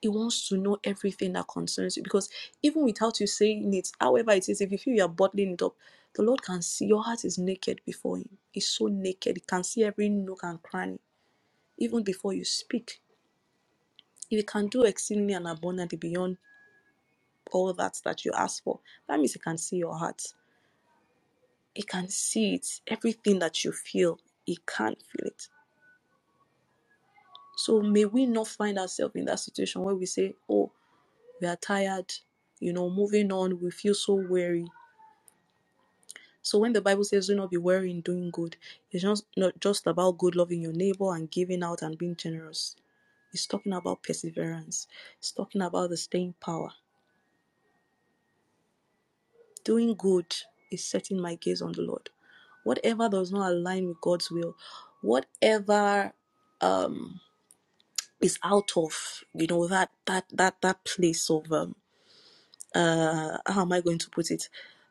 He wants to know everything that concerns you because even without you saying it, however it is, if you feel you are bottling it up, the Lord can see your heart is naked before Him. It's so naked, He can see every nook and cranny, even before you speak. If He can do exceedingly and abundantly beyond all that that you ask for, that means He can see your heart. He can see it, everything that you feel, He can feel it. So may we not find ourselves in that situation where we say, Oh, we are tired, you know, moving on, we feel so weary. So when the Bible says do not be weary in doing good, it's just not just about good loving your neighbor and giving out and being generous. It's talking about perseverance. It's talking about the staying power. Doing good is setting my gaze on the Lord. Whatever does not align with God's will, whatever um, is out of you know that that that that place of um, uh how am i going to put it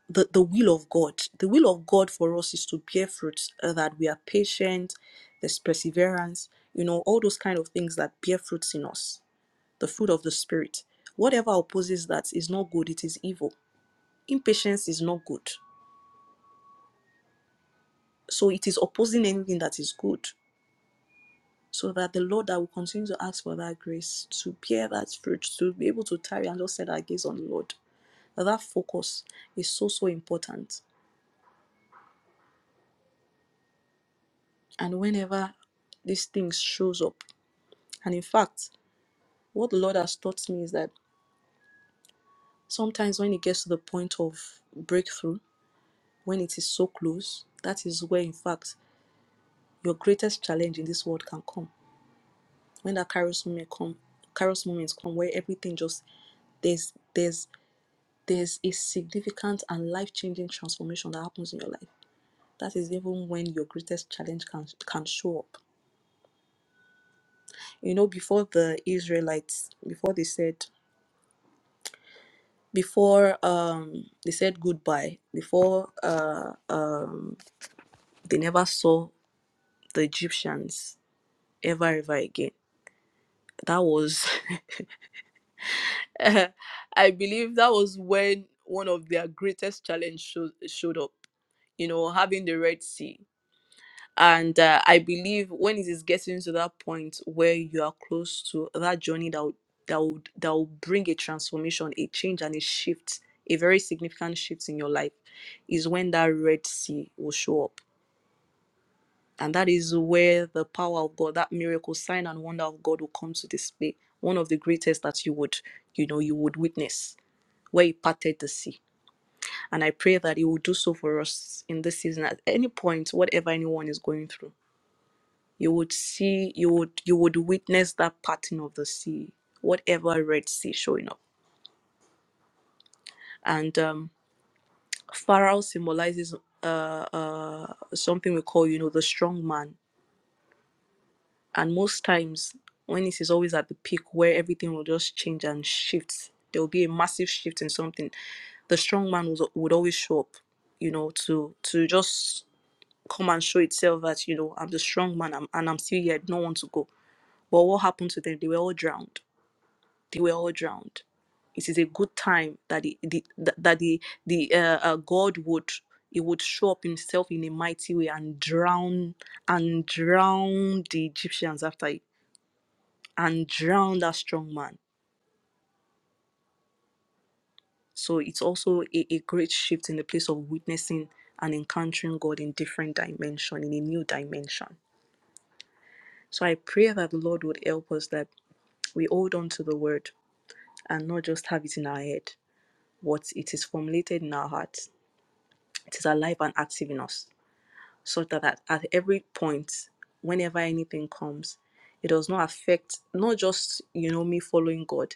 the the will of god the will of god for us is to bear fruits uh, that we are patient there's perseverance you know all those kind of things that bear fruits in us the fruit of the spirit whatever opposes that is not good it is evil impatience is not good so it is opposing anything that is good so that the lord that will continue to ask for that grace to bear that fruit to be able to tarry and just set our gaze on the lord that focus is so so important and whenever these things shows up and in fact what the lord has taught me is that sometimes when it gets to the point of breakthrough when it is so close that is where in fact your greatest challenge in this world can come when that kairos moment come kairos moments come where everything just there's there's there's a significant and life-changing transformation that happens in your life that is even when your greatest challenge can can show up you know before the israelites before they said before um they said goodbye before uh they never saw the egyptians ever ever again that was [laughs] i believe that was when one of their greatest challenge showed, showed up you know having the red sea and uh, i believe when it is getting to that point where you are close to that journey that would that would that will bring a transformation a change and a shift a very significant shift in your life is when that red sea will show up And that is where the power of God, that miracle, sign and wonder of God will come to display. One of the greatest that you would, you know, you would witness where he parted the sea. And I pray that he will do so for us in this season at any point, whatever anyone is going through. You would see, you would, you would witness that parting of the sea, whatever Red Sea showing up. And um Pharaoh symbolizes uh uh something we call, you know, the strong man And most times, Venice is always at the peak where everything will just change and shift. There will be a massive shift in something. The strong man would, would always show up, you know, to to just come and show itself that you know I'm the strong man, I'm, and I'm still here. I don't want to go. But what happened to them? They were all drowned. They were all drowned. It is a good time that the, the that the the uh, uh, God would he would show up himself in a mighty way and drown and drown the Egyptians after and drown that strong man. So it's also a, a great shift in the place of witnessing and encountering God in different dimension, in a new dimension. So I pray that the Lord would help us that we hold on to the word and not just have it in our head. But it is formulated in our hearts, it is alive and active in us. so that at, at every point whenever anything comes it does not affect not just you know me following god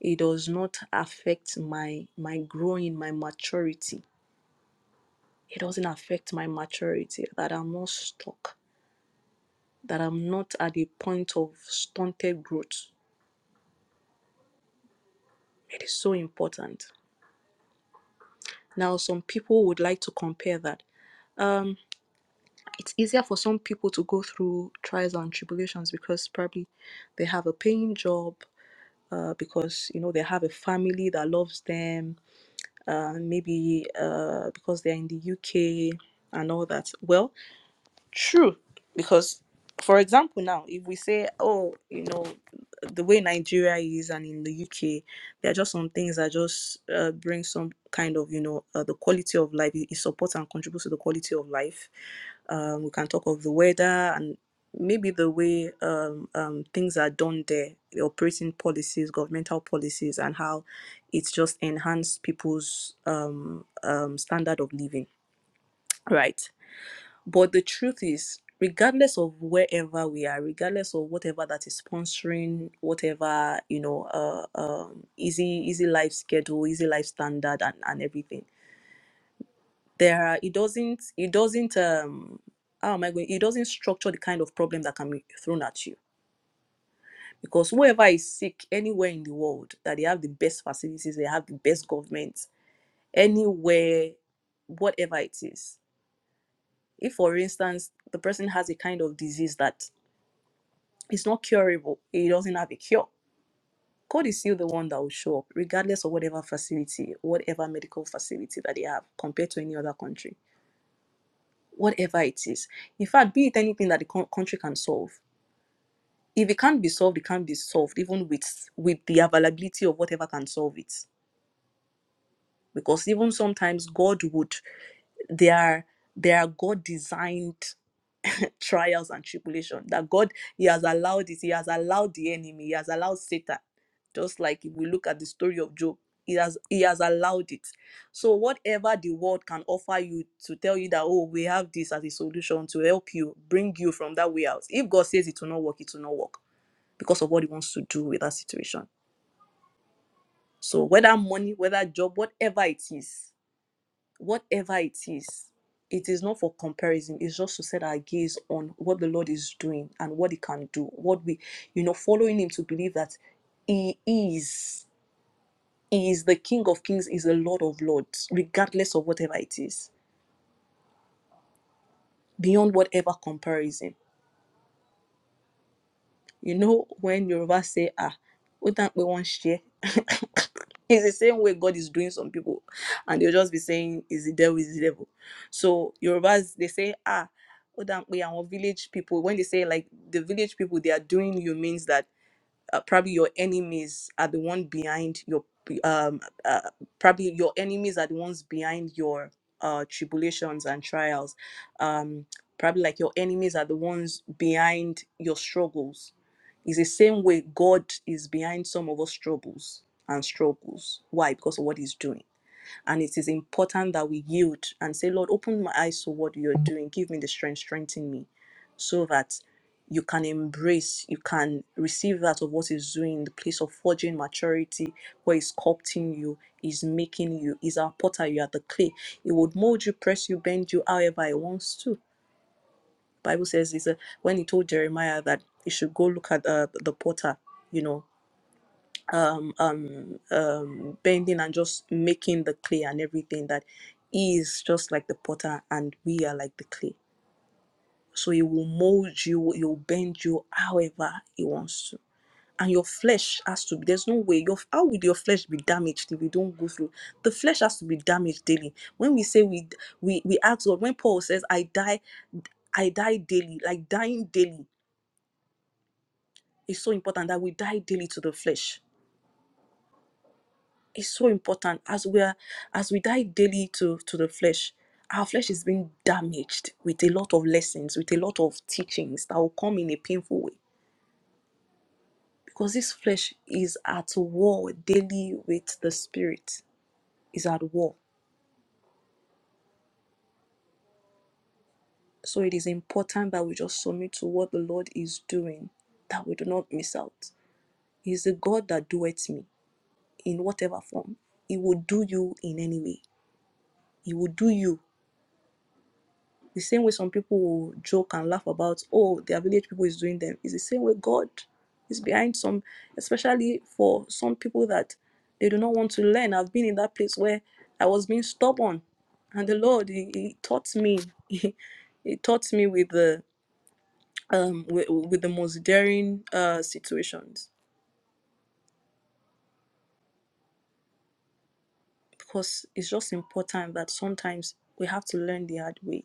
it does not affect my my growing my maturity it doesn't affect my maturity that i'm not stuck that i'm not at a point of stunted growth it is so important now some people would like to compare that um it's easier for some people to go through trials and tribulations because probably they have a paying job uh, because you know they have a family that loves them, uh, maybe uh, because they're in the UK and all that. Well, True, because for example, now if we say, oh, you know, the way Nigeria is and in the UK, there are just some things that just uh, bring some kind of, you know, uh, the quality of life. It, it supports and contributes to the quality of life. Um, we can talk of the weather and maybe the way um, um, things are done there, the operating policies, governmental policies, and how it's just enhanced people's um, um, standard of living, right? But the truth is, regardless of wherever we are, regardless of whatever that is sponsoring, whatever you know, uh, um, easy easy life schedule, easy life standard, and and everything, there are it doesn't it doesn't um how am I going? It doesn't structure the kind of problem that can be thrown at you. Because whoever is sick anywhere in the world, that they have the best facilities, they have the best government, anywhere, whatever it is. If, for instance, the person has a kind of disease that it's not curable. It doesn't have a cure. God is still the one that will show up, regardless of whatever facility, whatever medical facility that they have compared to any other country, whatever it is. In fact, be it anything that the coun- country can solve. If it can't be solved, it can't be solved, even with with the availability of whatever can solve it. Because even sometimes God would, they are they are God designed trials and tribulation that god he has allowed it he has allowed the enemy he has allowed satan just like if we look at the story of job he has he has allowed it so whatever the world can offer you to tell you that oh we have this as a solution to help you bring you from that way out if god says it will not work it will not work because of what he wants to do with that situation so whether money whether job whatever it is whatever it is, it is not for comparison. It's just to set our gaze on what the Lord is doing and what He can do. What we, you know, following Him to believe that He is, He is the King of Kings, is the Lord of Lords, regardless of whatever it is, beyond whatever comparison. You know, when Yoruba say, ah, what that we don't want share. [laughs] it's the same way God is doing some people, and they'll just be saying, is the devil, is the devil. So Yorubas, they say, ah, we and our village people, when they say like the village people, they are doing you means that uh, probably your enemies are the one behind your um uh, probably your enemies are the ones behind your uh tribulations and trials um probably like your enemies are the ones behind your struggles it's the same way god is behind some of us troubles and struggles why because of what he's doing and it is important that we yield and say, Lord, open my eyes to what you're doing. Give me the strength, strengthen me so that you can embrace, you can receive that of what is doing in the place of forging maturity, where it's sculpting you, is making you, is our potter, you are the clay. He would mold you, press you, bend you however He wants to. Bible says is when He told Jeremiah that he should go look at uh, the potter, you know. um, bending and just making the clay and everything that he is just like the potter and we are like the clay. So he will mold you, he'll bend you however he wants to. And your flesh has to be, there's no way, your, how would your flesh be damaged if you don't go through? The flesh has to be damaged daily. When we say we, we, we ask God, when Paul says, I die, I die daily, like dying daily, is so important that we die daily to the flesh It's so important as we are as we die daily to to the flesh. Our flesh is being damaged with a lot of lessons, with a lot of teachings that will come in a painful way because this flesh is at war daily with the spirit. Is at war. So it is important that we just submit to what the Lord is doing, that we do not miss out. He is the God that doeth me in whatever form. He will do you in any way. He will do you The same way some people will joke and laugh about, oh, their village people is doing them. Is the same way God is behind some, especially for some people that they do not want to learn. I've been in that place where I was being stubborn, and the Lord He, he taught me. [laughs] He, he taught me with the um with, with the most daring uh situations because it's just important that sometimes we have to learn the hard way.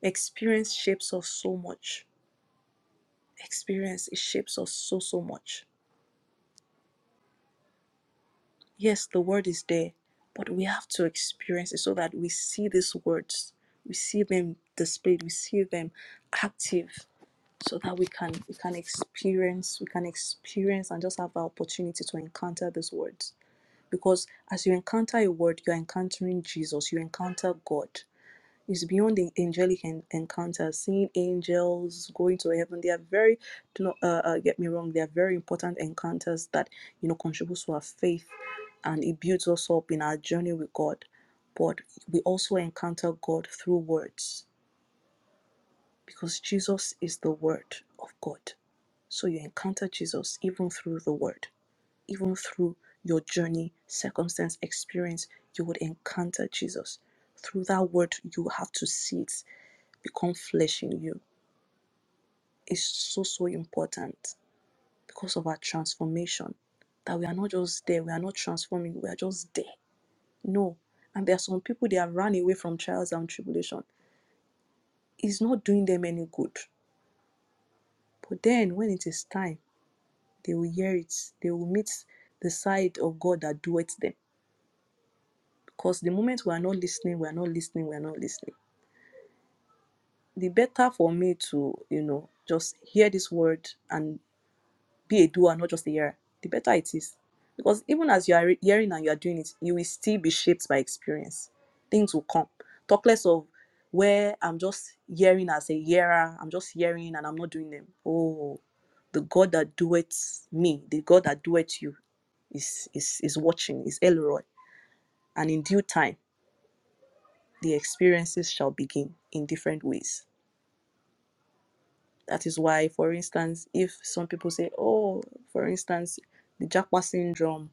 Experience shapes us so much. Experience it shapes us so so much Yes, the word is there, but we have to experience it so that we see these words, we see them displayed, we see them active, so that we can we can experience, we can experience and just have the opportunity to encounter these words. Because as you encounter a word, you're encountering Jesus, you encounter God. It's beyond the angelic en- encounters, seeing angels, going to heaven. They are very, do not uh, uh, get me wrong, they are very important encounters that, you know, contributes to our faith and it builds us up in our journey with God. But we also encounter God through words because Jesus is the Word of God. So you encounter Jesus even through the Word, even through your journey, circumstance, experience, you would encounter Jesus. Through that Word, you have to see it become flesh in you is so so important because of our transformation that we are not just there we are not transforming we are just there no and there are some people they have run away from trials and tribulation it's not doing them any good but then when it is time they will hear it they will meet the side of god that doeth them because the moment we are not listening we are not listening we are not listening the better for me to you know just hear this word and be a doer, not just a hearer, the better it is. Because even as you are hearing and you are doing it, you will still be shaped by experience. Things will come. Talk less of where I'm just hearing as a hearer, I'm just hearing and I'm not doing them. Oh, the God that doeth me, the God that doeth you is is is watching, is Elroy. And in due time, the experiences shall begin in different ways. That is why, for instance, if some people say, Oh, for instance, the Jackpot syndrome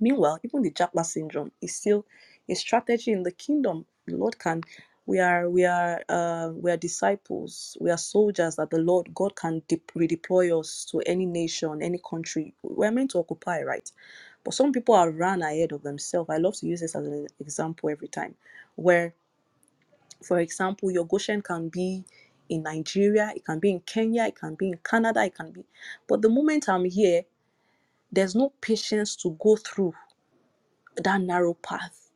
Meanwhile, even the Japa syndrome is still a strategy in the kingdom. The Lord can, we are, we are, uh, we are disciples. We are soldiers that the Lord God can de- redeploy us to any nation, any country. We're meant to occupy, right? But some people are run ahead of themselves. I love to use this as an example every time, where, for example, your Goshen can be in Nigeria, it can be in Kenya, it can be in Canada, it can be. But the moment I'm here, there's no patience to go through that narrow path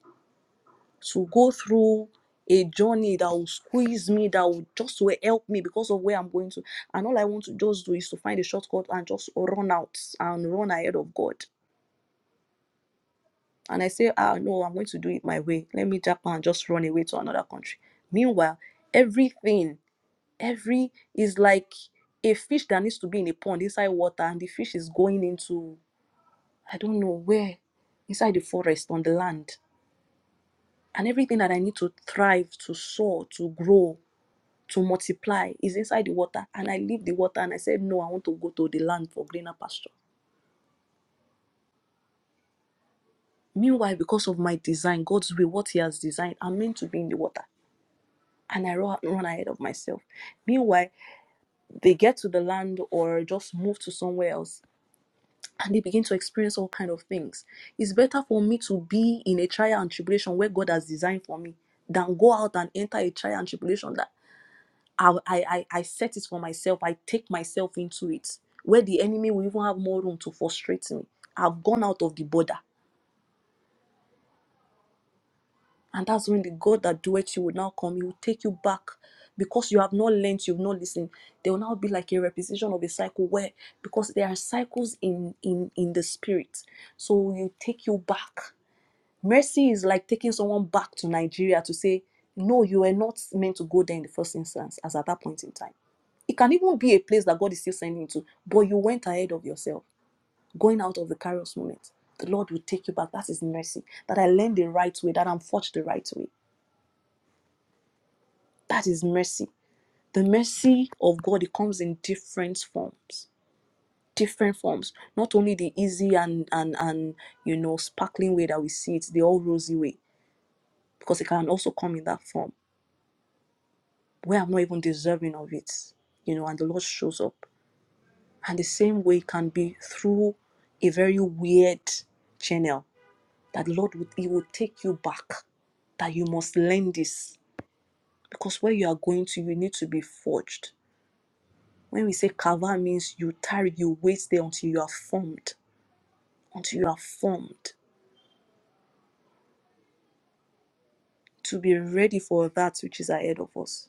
to go through a journey that will squeeze me that will just will help me because of where i'm going to and all i want to just do is to find a shortcut and just run out and run ahead of god and i say ah no i'm going to do it my way let me jump and just run away to another country meanwhile everything every is like a fish that needs to be in a pond inside water and the fish is going into i don't know where inside the forest on the land And everything that I need to thrive, to soar, to grow, to multiply is inside the water. And I leave the water and I said, No, I want to go to the land for greener pasture. Meanwhile, because of my design, God's will, what He has designed, I'm meant to be in the water. And I ru- run ahead of myself. Meanwhile, they get to the land or just move to somewhere else and they begin to experience all kind of things. It's better for me to be in a trial and tribulation where God has designed for me than go out and enter a trial and tribulation that. I, I, I I set it for myself. I take myself into it. Where the enemy will even have more room to frustrate me. I've gone out of the border. And that's when the God that doeth you will now come. He will take you back because you have not learned, you've not listened. There will now be like a repetition of a cycle where, because there are cycles in, in, in the spirit. So you take you back. Mercy is like taking someone back to Nigeria to say, no, you were not meant to go there in the first instance, as at that point in time It can even be a place that God is still sending you to, but you went ahead of yourself, going out of the Kairos moment. The Lord will take you back. That is mercy. That I learned the right way, that I'm forged the right way. That is mercy. The mercy of God, it comes in different forms. Different forms. Not only the easy and and and you know sparkling way that we see it, the all rosy way, because it can also come in that form where I'm not even deserving of it. You know, and the Lord shows up. And the same way can be through a very weird channel that the Lord would He will take you back. That you must learn this. Because where you are going to, you need to be forged. When we say kava means you tarry, you wait there until you are formed. Until you are formed. To be ready for that which is ahead of us.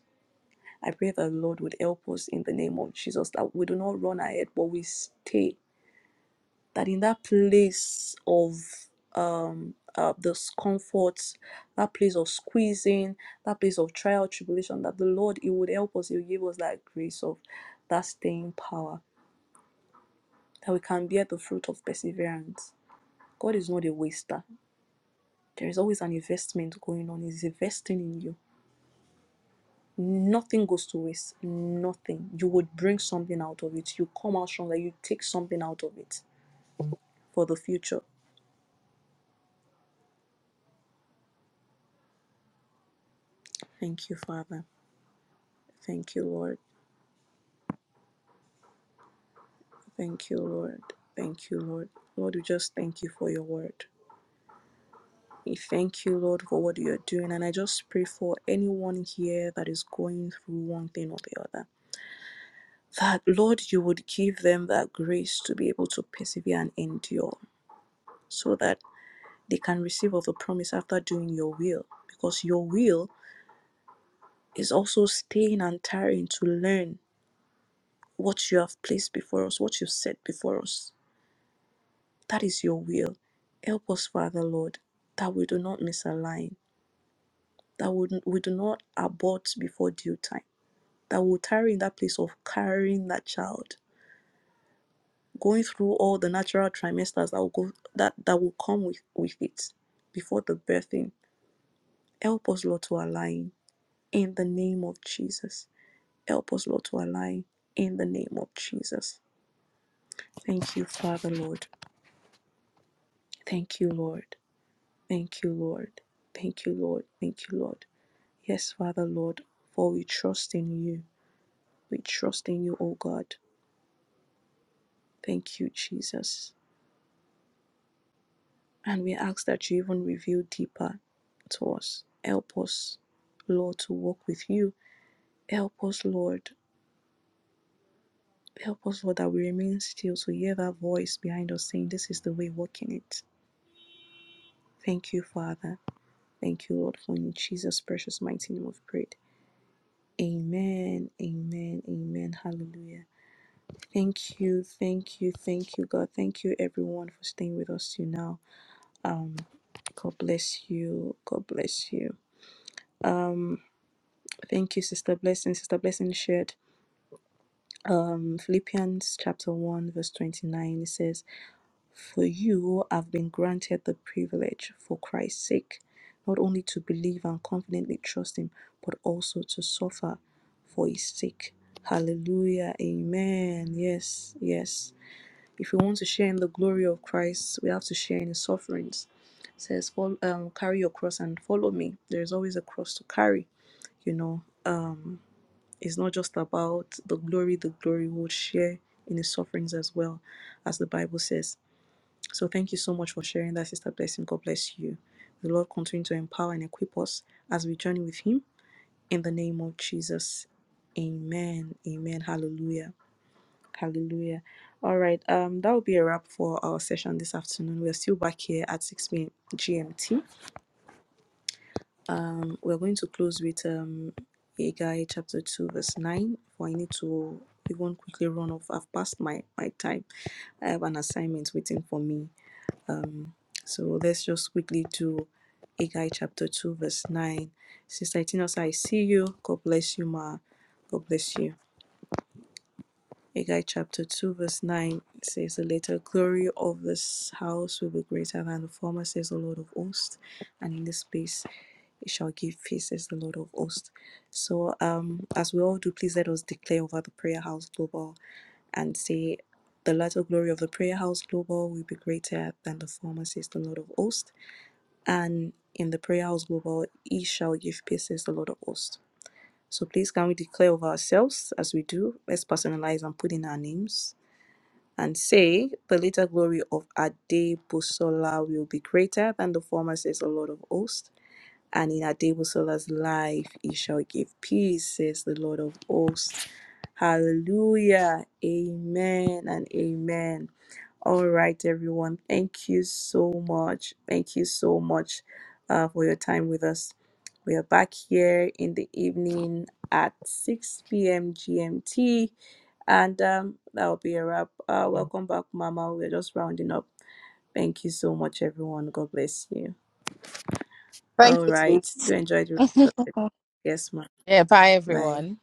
I pray that the Lord would help us in the name of Jesus, that we do not run ahead, but we stay that in that place of um uh, discomfort, that place of squeezing, that place of trial, tribulation, that the Lord He would help us, He will give us that grace of that staying power, that we can bear the fruit of perseverance. God is not a waster. There is always an investment going on. He's investing in you. Nothing goes to waste. Nothing. You would bring something out of it. You come out stronger. You take something out of it for the future. Thank you, Father. Thank you, Lord. Thank you, Lord. Thank you, Lord. Lord, we just thank you for your word. We thank you, Lord, for what you're doing. And I just pray for anyone here that is going through one thing or the other. That, Lord, you would give them that grace to be able to persevere and endure so that they can receive of the promise after doing your will. Because your will is also staying and tiring to learn what you have placed before us, what you've set before us. That is your will. Help us, Father Lord, that we do not misalign, that we, we do not abort before due time, that we'll tarry in that place of carrying that child, going through all the natural trimesters that will go that, that will come with, with it before the birthing. Help us, Lord, to align in the name of Jesus. Help us, Lord, to align in the name of Jesus. Thank you, Father, Lord. Thank you, Lord. Thank you, Lord. Thank you, Lord. Thank you, Lord. Yes, Father Lord, for we trust in you. We trust in you, O God. Thank you, Jesus. And we ask that you even reveal deeper to us. Help us, Lord, to walk with you. Help us, Lord. Help us, Lord, that we remain still to hear that voice behind us saying, This is the way, walk in it. Thank you, Father. Thank you, Lord, for in Jesus' precious mighty name of prayer. Amen. Amen. Amen. Hallelujah. Thank you, thank you, thank you, God. Thank you, everyone, for staying with us till now. Um, God bless you. God bless you. Um, thank you, Sister Blessing. Sister Blessing shared um Philippians chapter 1, verse 29. It says, For you have been granted the privilege for Christ's sake, not only to believe and confidently trust him, but also to suffer for his sake. Hallelujah. Amen. Yes, yes. If we want to share in the glory of Christ, we have to share in his sufferings. It says, follow, um, carry your cross and follow me. There's always a cross to carry, you know. Um, it's not just about the glory, the glory will share in his sufferings as well, as the Bible says. So thank you so much for sharing that, Sister Blessing. God bless you. The Lord continue to empower and equip us as we journey with him in the name of Jesus. Amen. Amen. Hallelujah. Hallelujah. All right. Um, that will be a wrap for our session this afternoon. We're still back here at 6 p.m. GMT. Um, we're going to close with um Haggai chapter 2, verse 9. For I need to even quickly run off. I've passed my, my time. I have an assignment waiting for me. Um, so let's just quickly do Haggai chapter 2, verse 9. Sister Itinosa, I see you. God bless you, Ma. God bless you. Haggai chapter 2, verse 9 says, The later glory of this house will be greater than the former, says the Lord of hosts, and in this place it shall give peace, says the Lord of hosts. So, um, as we all do, please let us declare over the prayer house global and say, The latter glory of the prayer house global will be greater than the former, says the Lord of hosts, and in the prayer house global it shall give peace, says the Lord of hosts. So please can we declare over ourselves as we do? Let's personalize and put in our names and say, The later glory of Adebosola will be greater than the former, says the Lord of hosts and in Adebusola's life he shall give peace, says the Lord of hosts. Hallelujah. Amen and amen. All right, everyone. Thank you so much. Thank you so much uh, for your time with us. We are back here in the evening at 6 p.m. GMT. And um, that'll be a wrap. Uh, welcome back, Mama. We're just rounding up. Thank you so much, everyone. God bless you. Thank All you, right. sis. Do enjoy the rest of it. Yes, ma'am. Yeah, bye, Bye. everyone.